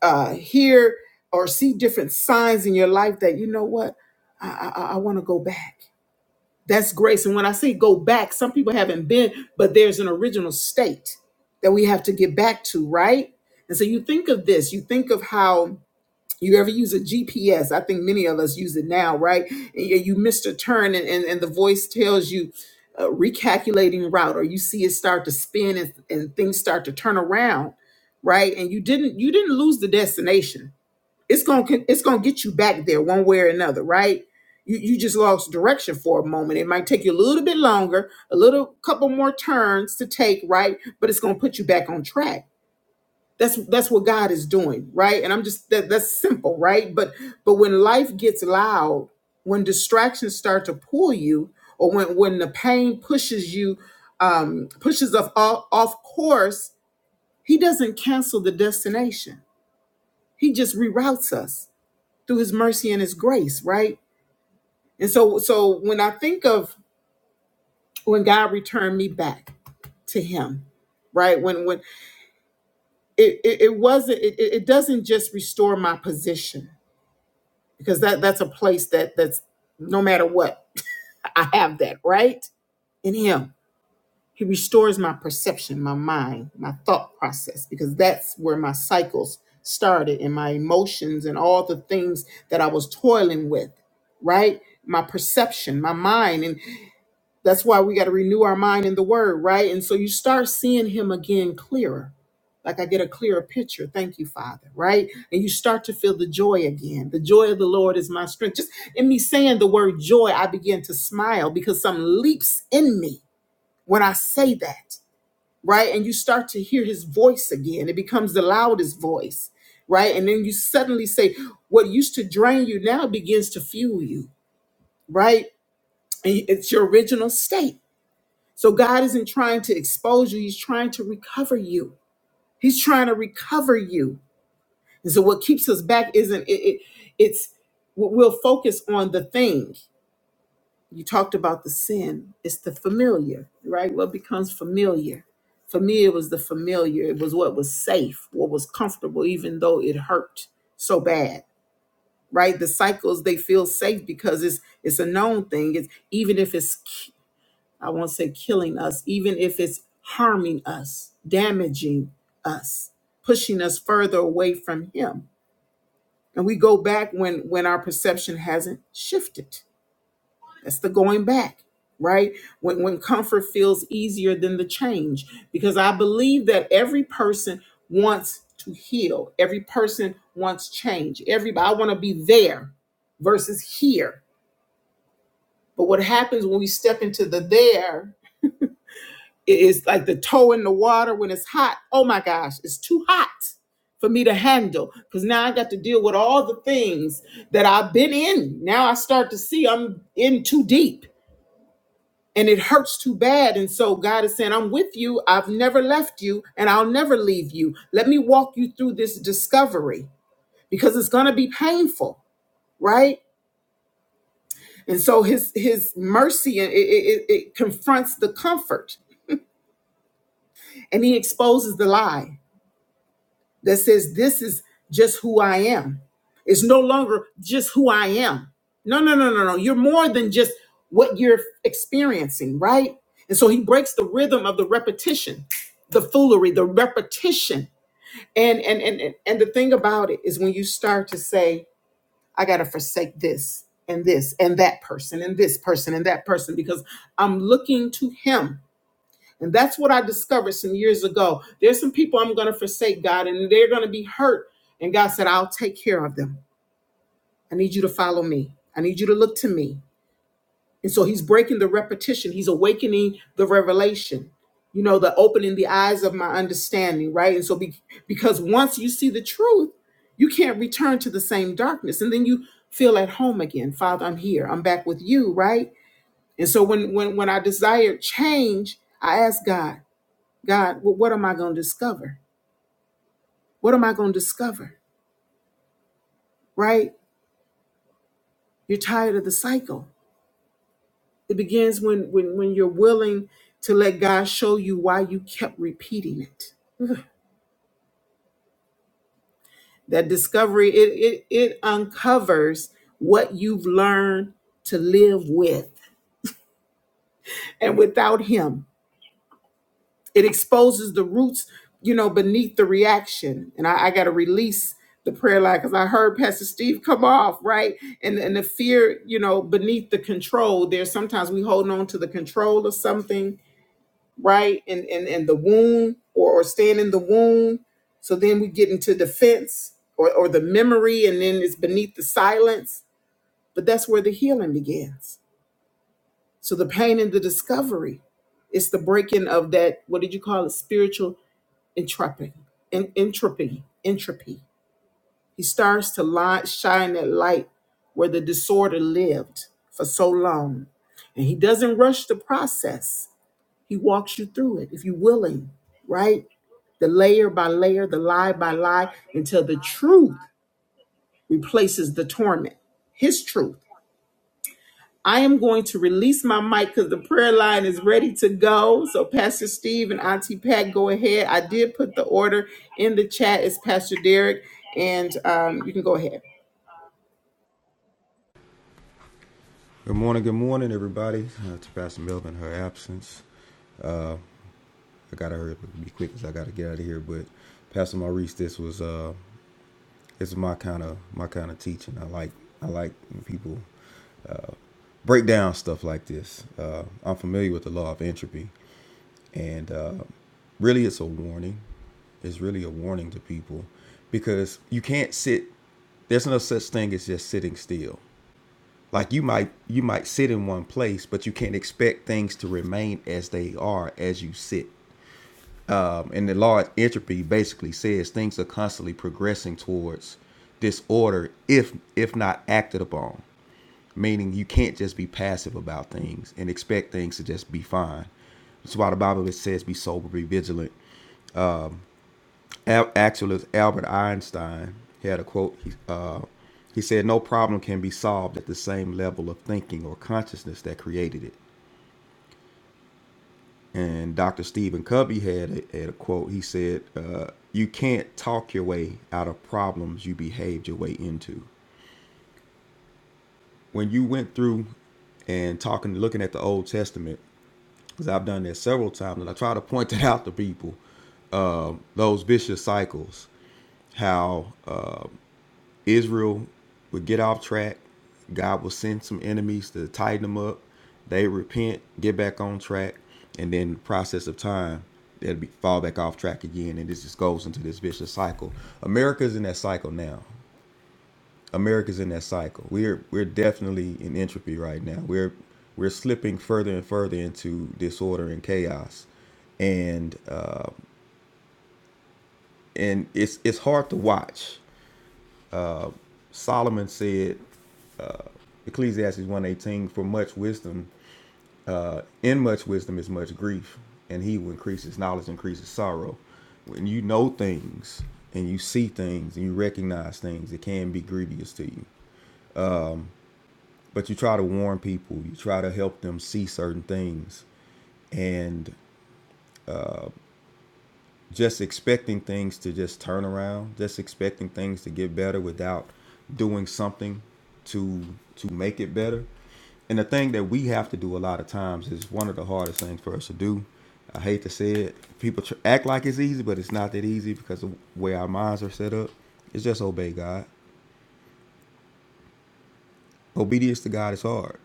Speaker 1: uh, hear or see different signs in your life that you know what I, I, I want to go back. That's grace. And when I say go back, some people haven't been, but there's an original state that we have to get back to, right? And so you think of this, you think of how you ever use a GPS. I think many of us use it now, right? And you you missed a turn and, and, and the voice tells you uh, recalculating route or you see it start to spin and, and things start to turn around, right? And you didn't you didn't lose the destination it's gonna it's gonna get you back there one way or another, right? You you just lost direction for a moment. It might take you a little bit longer, a little couple more turns to take, right? But it's gonna put you back on track. That's that's what God is doing, right? And I'm just that that's simple, right? But but when life gets loud, when distractions start to pull you, or when when the pain pushes you, um, pushes off off off course, He doesn't cancel the destination. He just reroutes us through his mercy and his grace, right? And so so when I think of when God returned me back to him, right? When when it it, it wasn't it, it it doesn't just restore my position because that that's a place that that's no matter what, I have that, right? In him. He restores my perception, my mind, my thought process, because that's where my cycles started and my emotions and all the things that I was toiling with, right? My perception, my mind. and That's why we got to renew our mind in the word, right? And so you start seeing him again clearer. Like I get a clearer picture. Thank you, Father, right? And you start to feel the joy again. The joy of the Lord is my strength. Just in me saying the word joy, I begin to smile because something leaps in me when I say that, right? And you start to hear his voice again. It becomes the loudest voice, right? And then you suddenly say, what used to drain you now begins to fuel you, right? And It's your original state so God isn't trying to expose you, He's trying to recover you. He's trying to recover you. And so what keeps us back isn't it, it it's we'll focus on the thing. You talked about the sin. It's the familiar, right? What becomes familiar. For me, it was the familiar. It was what was safe, what was comfortable, even though it hurt so bad. Right? The cycles they feel safe because it's it's a known thing. It's even if it's I won't say killing us, even if it's harming us, damaging us, pushing us further away from Him. And we go back when when our perception hasn't shifted. That's the going back, right? When when comfort feels easier than the change, because I believe that every person wants to heal. Every person wants change. Everybody, I want to be there versus here. But what happens when we step into the there It is like the toe in the water when it's hot. Oh my gosh, it's too hot for me to handle because now I got to deal with all the things that I've been in. Now I start to see I'm in too deep and it hurts too bad. And so God is saying, I'm with you. I've never left you and I'll never leave you. Let me walk you through this discovery because it's going to be painful, right? And so his his mercy it, it, it it confronts the comfort and he exposes the lie that says this is just who I am. It's no longer just who I am. No, no, no, no, no. You're more than just what you're experiencing, right? And so he breaks the rhythm of the repetition, the foolery, the repetition. And and and and and the thing about it is when you start to say, I gotta forsake this and this and that person and this person and that person because I'm looking to him and that's what I discovered some years ago. There's some people I'm going to forsake, God, and they're going to be hurt. And God said, I'll take care of them. I need you to follow me. I need you to look to me. And so he's breaking the repetition, he's awakening the revelation, you know, the opening the eyes of my understanding, right? And so be, because once you see the truth, you can't return to the same darkness. And then you feel at home again. Father, I'm here. I'm back with you, right? And so when when when I desired change, I asked God, God, wh- what am I going to discover? What am I going to discover? Right? You're tired of the cycle. It begins when when when you're willing to let God show you why you kept repeating it. That discovery it it, it uncovers what you've learned to live with and without him. it exposes the roots, you know, beneath the reaction. And I, I got to release the prayer line because I heard Pastor Steve come off right, and and the fear, you know, beneath the control. There, sometimes we hold on to the control of something, right, and and and the wound or or staying in the wound. So then we get into defense or or the memory, and then it's beneath the silence. But that's where the healing begins. So the pain and the discovery. It's the breaking of that. What did you call it? Spiritual Intrepid, en- entropy, entropy. He starts to li- shine that light where the disorder lived for so long. And he doesn't rush the process. He walks you through it if you're willing, right? The layer by layer, the lie by lie, until the truth replaces the torment, his truth. I am going to release my mic because the prayer line is ready to go. So, Pastor Steve and Auntie Pat, go ahead. I did put the order in the chat. It's Pastor Derek, and um, you can go ahead.
Speaker 5: Good morning. Good morning, everybody. Uh, to Pastor Melvin, her absence. I gotta hurry up and be quick because I gotta get out of here. But Pastor Maurice, this was uh, it's my kind of my kind of teaching. I like I like when people break down stuff like this. Uh, I'm familiar with the law of entropy, and uh, really, it's a warning. It's really a warning to people because you can't sit. There's no such thing as just sitting still like you might you might sit in one place but you can't expect things to remain as they are as you sit um, and the law of entropy basically says things are constantly progressing towards disorder if if not acted upon meaning you can't just be passive about things and expect things to just be fine that's why the bible says be sober be vigilant Al- actually albert einstein had a quote he, uh, he said no problem can be solved at the same level of thinking or consciousness that created it And Dr. Stephen Covey had a, had a quote. He said, uh, You can't talk your way out of problems you behaved your way into. When you went through and talking, looking at the Old Testament, because I've done that several times, and I try to point it out to people, those vicious cycles, how Israel would get off track. God will send some enemies to tighten them up. They repent, get back on track, and then the process of time, they'll be fall back off track again, and this just goes into this vicious cycle. America's in that cycle now. America's in that cycle. We're we're definitely in entropy right now. We're we're slipping further and further into disorder and chaos and uh, and it's it's hard to watch. Solomon said, Ecclesiastes one eighteen, for much wisdom In much wisdom is much grief, and he who increases knowledge increases sorrow. When you know things and you see things and you recognize things, it can be grievous to you. But you try to warn people, you try to help them see certain things, and just expecting things to just turn around, just expecting things to get better without doing something to to make it better. And the thing that we have to do a lot of times is one of the hardest things for us to do. I hate to say it. People tr- act like it's easy, but it's not that easy because of the way our minds are set up. It's just obey God. Obedience to God is hard.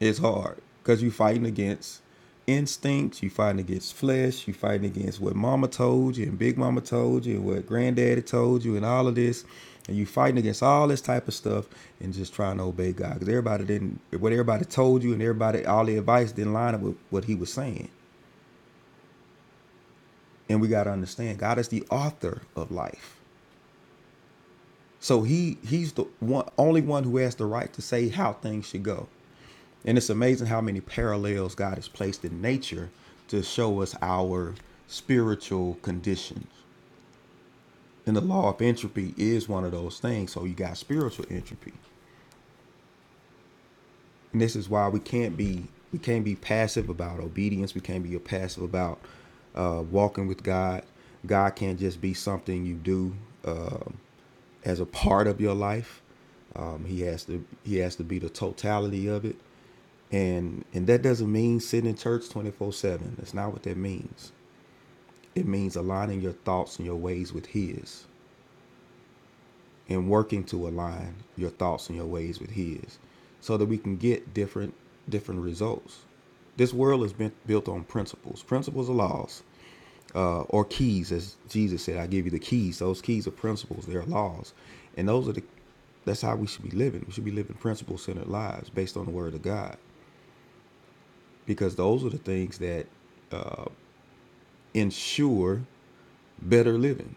Speaker 5: It's hard because you are fighting against instincts, you are fighting against flesh, you are fighting against what mama told you and big mama told you and what granddaddy told you and all of this. And you are fighting against all this type of stuff and just trying to obey God. Because everybody didn't what everybody told you and everybody all the advice didn't line up with what he was saying. And we gotta understand God is the author of life. So he he's the one only one who has the right to say how things should go. And it's amazing how many parallels God has placed in nature to show us our spiritual conditions. And the law of entropy is one of those things. So you got spiritual entropy. And this is why we can't be we can't be passive about obedience. We can't be passive about uh, walking with God. God can't just be something you do uh, as a part of your life. Um, he has to he has to be the totality of it. And and that doesn't mean sitting in church 24/7. That's not what that means. It means aligning your thoughts and your ways with his and working to align your thoughts and your ways with his so that we can get different different results. This world is been built on principles. Principles are laws uh, or keys as Jesus said, I give you the keys. Those keys are principles, they're laws. And those are the that's how we should be living. We should be living principle centered lives based on the word of God because those are the things that ensure better living.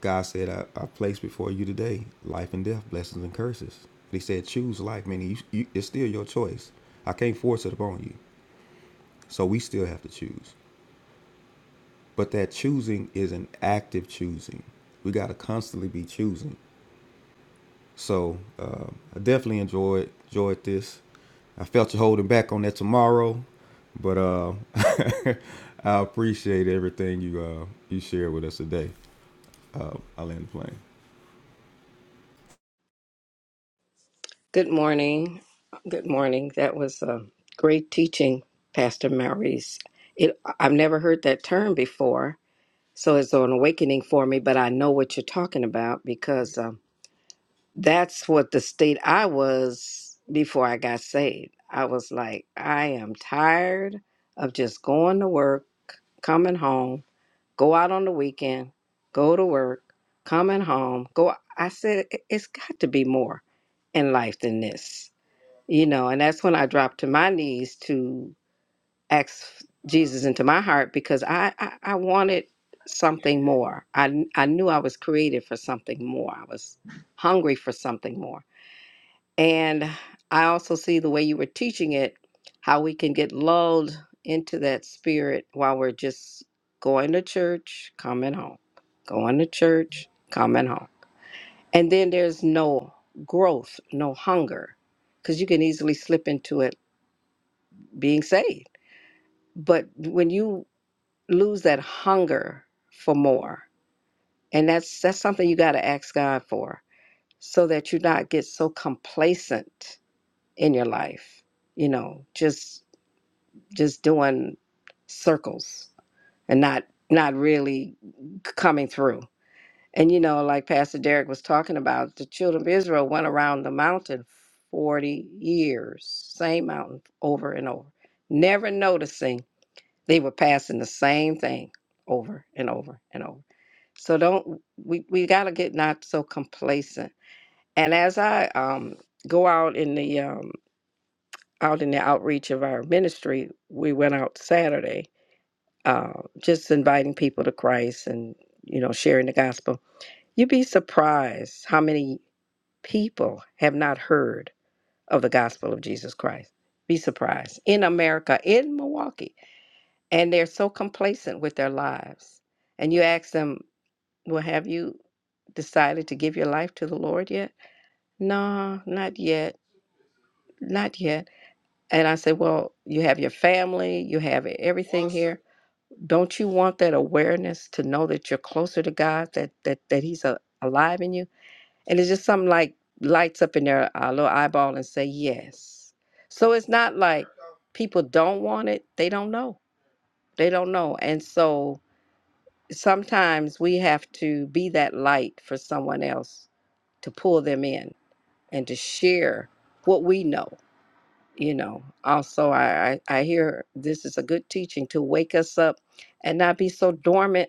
Speaker 5: God said, I, I place before you today life and death, blessings and curses. But He said, choose life, meaning you, you, it's still your choice. I can't force it upon you. So we still have to choose. But that choosing is an active choosing. We got to constantly be choosing. So uh, I definitely enjoyed enjoyed this. I felt you holding back on that tomorrow, but uh, (laughs) I appreciate everything you uh, you shared with us today. Uh, I land the plane.
Speaker 2: Good morning. Good morning. That was a great teaching, Pastor Maurice. It, I've never heard that term before, so it's an awakening for me, but I know what you're talking about because um, that's what the state I was before I got saved. I was like, I am tired of just going to work, coming home, go out on the weekend, go to work, coming home, go. I said, "It- it's got to be more in life than this, you know. And that's when I dropped to my knees to ask Jesus into my heart because I, I, I wanted something more. I, I knew I was created for something more. I was hungry for something more. And I also see the way you were teaching it, how we can get lulled into that spirit while we're just going to church, coming home, going to church, coming home. And then there's no growth, no hunger, because you can easily slip into it being saved. But when you lose that hunger for more, and that's that's something you got to ask God for, so that you not get so complacent in your life you know, just just doing circles and not not really coming through. And you know, like Pastor Derek was talking about, the children of Israel went around the mountain 40 years, same mountain over and over, never noticing they were passing the same thing over and over and over. So don't we we got to get not so complacent. And as I um go out in the um out in the outreach of our ministry, we went out Saturday uh, just inviting people to Christ and you know sharing the gospel, you'd be surprised how many people have not heard of the gospel of Jesus Christ. Be surprised in America, in Milwaukee, and they're so complacent with their lives. And you ask them, "Well, have you decided to give your life to the Lord yet?" No, not yet, not yet. And I say, "Well, you have your family, you have everything here." Don't you want that awareness to know that you're closer to God, that that that He's a, alive in you? And it's just something like lights up in their uh, little eyeball and say yes. So it's not like people don't want it; they don't know. They don't know, and so sometimes we have to be that light for someone else to pull them in and to share what we know. You know. Also, I I, I hear this is a good teaching to wake us up and not be so dormant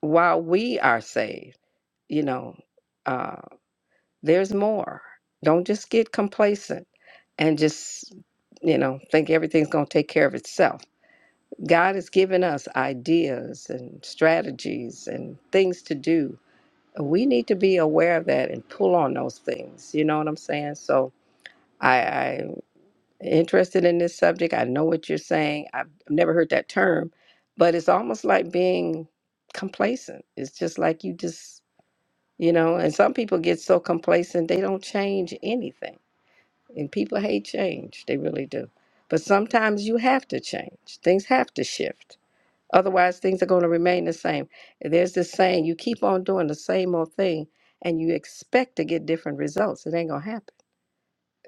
Speaker 2: while we are saved, you know, uh, there's more. Don't just get complacent and just, you know, think everything's going to take care of itself. God has given us ideas and strategies and things to do. We need to be aware of that and pull on those things. You know what I'm saying? So I, I'm interested in this subject. I know what you're saying. I've never heard that term, but it's almost like being complacent. It's just like you just you know and some people get so complacent they don't change anything and people hate change they really do but sometimes you have to change things have to shift otherwise things are going to remain the same there's this saying you keep on doing the same old thing and you expect to get different results it ain't going to happen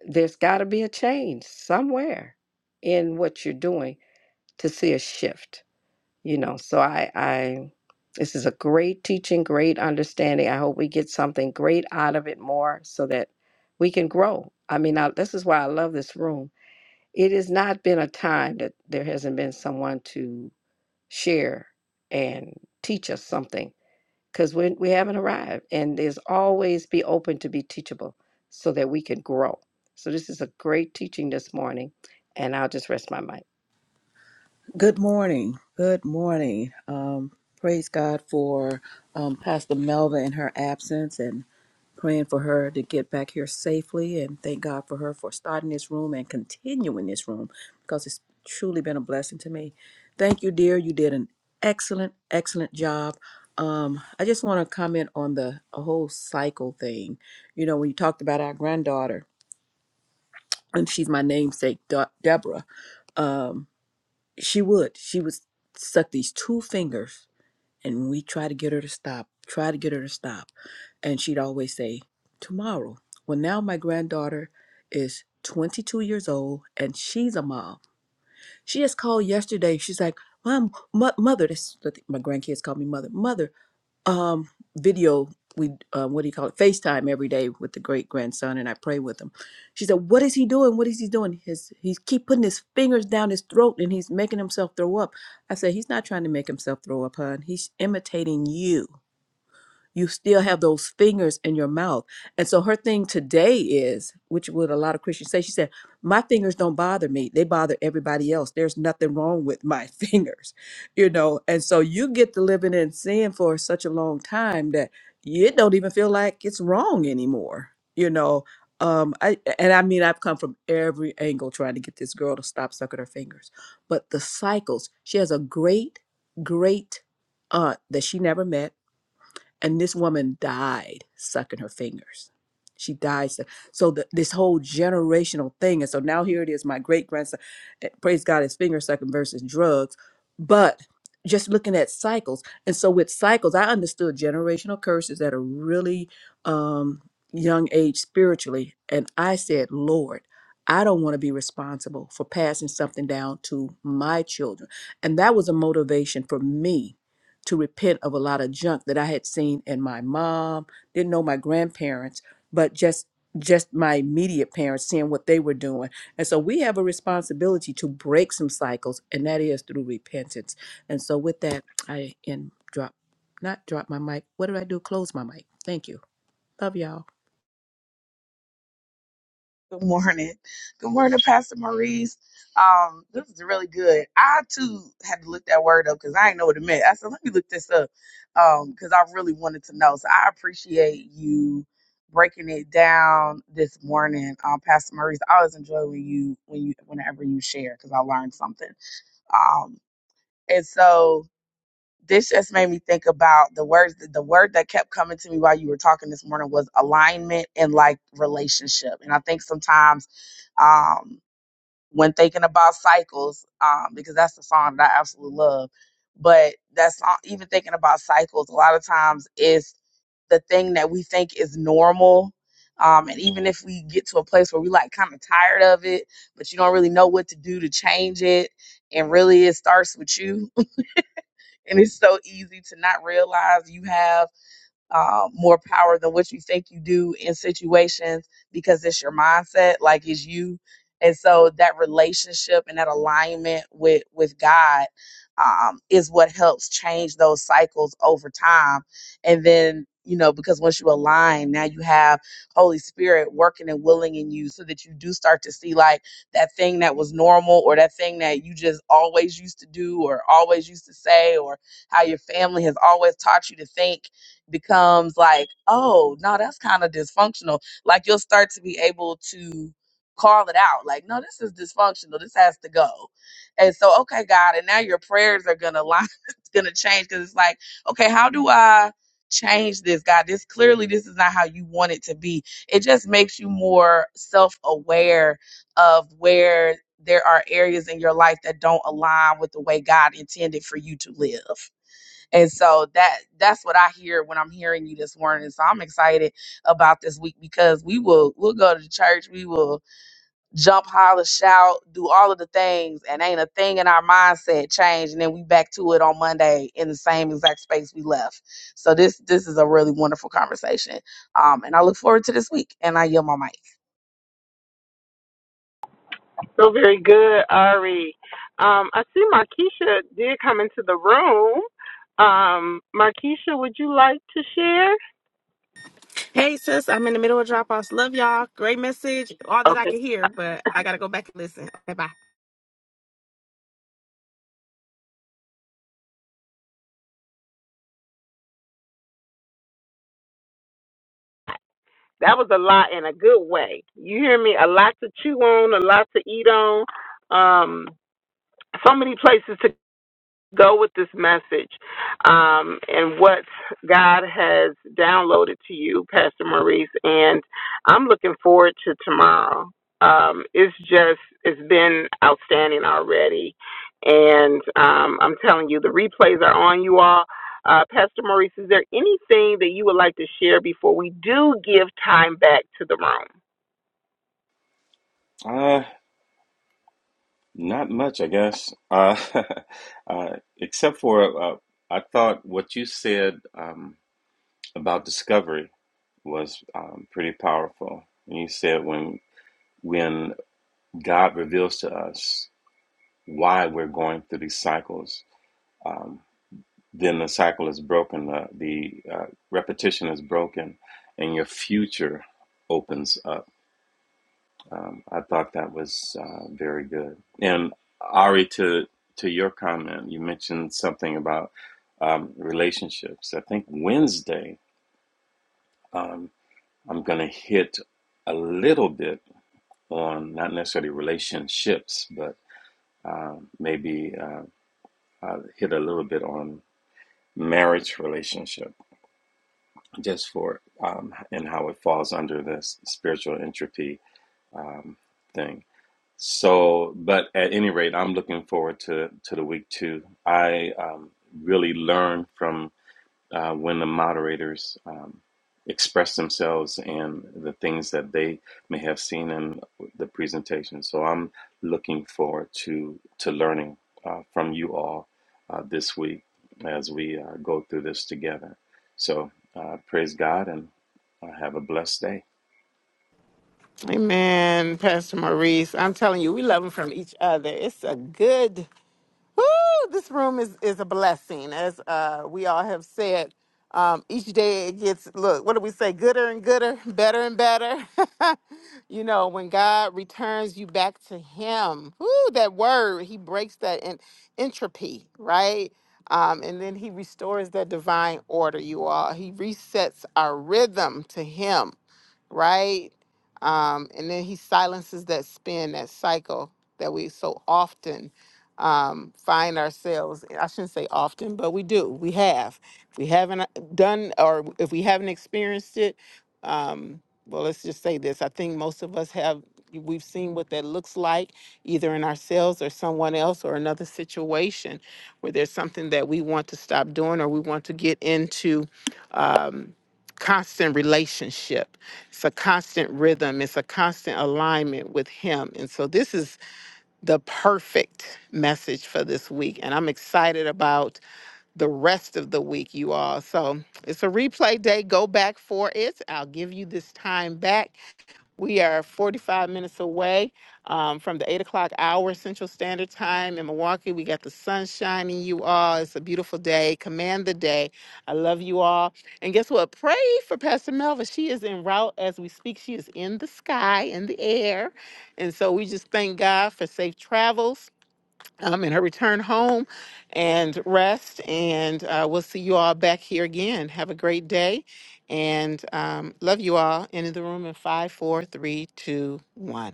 Speaker 2: there's got to be a change somewhere in what you're doing to see a shift you know so i i this is a great teaching great understanding i hope we get something great out of it more so that we can grow i mean I, this is why i love this room it has not been a time that there hasn't been someone to share and teach us something because we, we haven't arrived and there's always be open to be teachable so that we can grow so this is a great teaching this morning and i'll just rest my mic
Speaker 6: Good morning. Good morning. Um, praise God for um, Pastor Melva in her absence and praying for her to get back here safely. And thank God for her for starting this room and continuing this room because it's truly been a blessing to me. Thank you, dear. You did an excellent, excellent job. Um, I just want to comment on the a whole cycle thing. You know, when you talked about our granddaughter, and she's my namesake, De- Deborah. Um, she would. She would suck these two fingers, and we try to get her to stop, try to get her to stop. And she'd always say, Tomorrow. Well, now my granddaughter is 22 years old and she's a mom. She just called yesterday. She's like, Mom, mo- mother, that's what the- my grandkids call me mother. Mother, um, video we um, what do you call it facetime every day with the great grandson and i pray with him she said what is he doing what is he doing his he's keep putting his fingers down his throat and he's making himself throw up i said he's not trying to make himself throw up hon he's imitating you you still have those fingers in your mouth. And so her thing today is, which would a lot of Christians say, she said, My fingers don't bother me. They bother everybody else. There's nothing wrong with my (laughs) fingers, you know. And so you get to living in sin for such a long time that it don't even feel like it's wrong anymore, you know. Um, I and I mean I've come from every angle trying to get this girl to stop sucking her fingers. But the cycles, she has a great, great aunt that she never met and this woman died sucking her fingers she died suck- so the, this whole generational thing and so now here it is my great grandson praise god is finger sucking versus drugs but just looking at cycles and so with cycles i understood generational curses at a really um, young age spiritually and i said lord i don't want to be responsible for passing something down to my children and that was a motivation for me to repent of a lot of junk that I had seen in my mom, didn't know my grandparents, but just just my immediate parents seeing what they were doing. And so we have a responsibility to break some cycles and that is through repentance. And so with that, I end drop not drop my mic. What did I do? Close my mic. Thank you. Love y'all.
Speaker 7: Good morning. Good morning, Pastor Maurice. Um, this is really good. I too had to look that word up because I didn't know what it meant. I said, let me look this up. Um, because I really wanted to know. So I appreciate you breaking it down this morning. Um, Pastor Maurice, I always enjoy when you when you whenever you share because I learned something. Um, and so this just made me think about the words the word that kept coming to me while you were talking this morning was alignment and like relationship. And I think sometimes um, when thinking about cycles, um, because that's the song that I absolutely love. But that song, even thinking about cycles, a lot of times is the thing that we think is normal. Um, and even if we get to a place where we like kind of tired of it, but you don't really know what to do to change it, and really it starts with you. (laughs) and it's so easy to not realize you have uh, more power than what you think you do in situations because it's your mindset, like it's you. And so that relationship and that alignment with with God um, is what helps change those cycles over time. And then you know because once you align, now you have Holy Spirit working and willing in you, so that you do start to see like that thing that was normal or that thing that you just always used to do or always used to say or how your family has always taught you to think becomes like, oh, no, that's kind of dysfunctional. Like you'll start to be able to call it out. Like, no, this is dysfunctional. This has to go. And so, okay, God, and now your prayers are gonna line, (laughs) it's gonna change because it's like, okay, how do I change this, God? This clearly this is not how you want it to be. It just makes you more self-aware of where there are areas in your life that don't align with the way God intended for you to live. And so that that's what I hear when I'm hearing you this morning. So I'm excited about this week because we will we'll go to the church, we will jump, holler, shout, do all of the things, and ain't a thing in our mindset change. And then we back to it on Monday in the same exact space we left. So this this is a really wonderful conversation. Um, and I look forward to this week. And I yield my mic.
Speaker 1: So very good, Ari. Um, I see Markeisha did come into the room. Um, Markeisha, would you like to share?
Speaker 8: Hey, sis, I'm in the middle of drop offs. Love y'all. Great message. All that I
Speaker 1: Okay.
Speaker 8: can hear, but I got to go back and listen. Okay, bye.
Speaker 1: That was a lot in a good way. You hear me? A lot to chew on, a lot to eat on. Um, so many places to go with this message um, and what God has downloaded to you, Pastor Maurice. And I'm looking forward to tomorrow. Um, it's just, it's been outstanding already. And um, I'm telling you, the replays are on you all. Uh, Pastor Maurice, is there anything that you would like to share before we do give time back to the room?
Speaker 3: Uh, not much, I guess. Uh, (laughs) uh, except for uh, I thought what you said um, about discovery was um, pretty powerful. And you said when when God reveals to us why we're going through these cycles, um, then the cycle is broken. The, the uh, repetition is broken, and your future opens up Um, I thought that was uh, very good. And Ari, to to your comment, you mentioned something about um, relationships. I think Wednesday um, I'm going to hit a little bit on not necessarily relationships, but uh, maybe uh, I'll hit a little bit on marriage relationship, just for um, and how it falls under this spiritual entropy um, thing. So, but at any rate, I'm looking forward to to the week two. I um, really learned from uh, when the moderators um, express themselves and the things that they may have seen in the presentation. So, I'm looking forward to to learning uh, from you all uh, this week as we uh, go through this together. So, uh, praise God and uh, have a blessed day.
Speaker 1: Um, each day it gets, look, what do we say? Gooder and gooder, better and better. (laughs) you know, when God returns you back to Him, whoo, that word, He breaks that en- entropy, right? Um, and then He restores that divine order, you all. He resets our rhythm to Him, right? Um, and then He silences that spin, that cycle that we so often um, find ourselves. I shouldn't say often, but we do. We have we haven't uh, done or if we haven't experienced it um, well let's just say this i think most of us have we've seen what that looks like either in ourselves or someone else or another situation where there's something that we want to stop doing or we want to get into um, constant relationship it's a constant rhythm it's a constant alignment with him and so this is the perfect message for this week and i'm excited about the rest of the week, you all. So it's a replay day. Go back for it. I'll give you this time back. We are 45 minutes away um, from the 8 o'clock hour Central Standard Time in Milwaukee. We got the sun shining, you all. It's a beautiful day. Command the day. I love you all. And guess what? Pray for Pastor Melva. She is en route as we speak. She is in the sky, in the air. And so we just thank God for safe travels um, in her return home and rest. And uh, we'll see you all back here again. Have a great day and um, love you all. End of the room in five, four, three, two, one.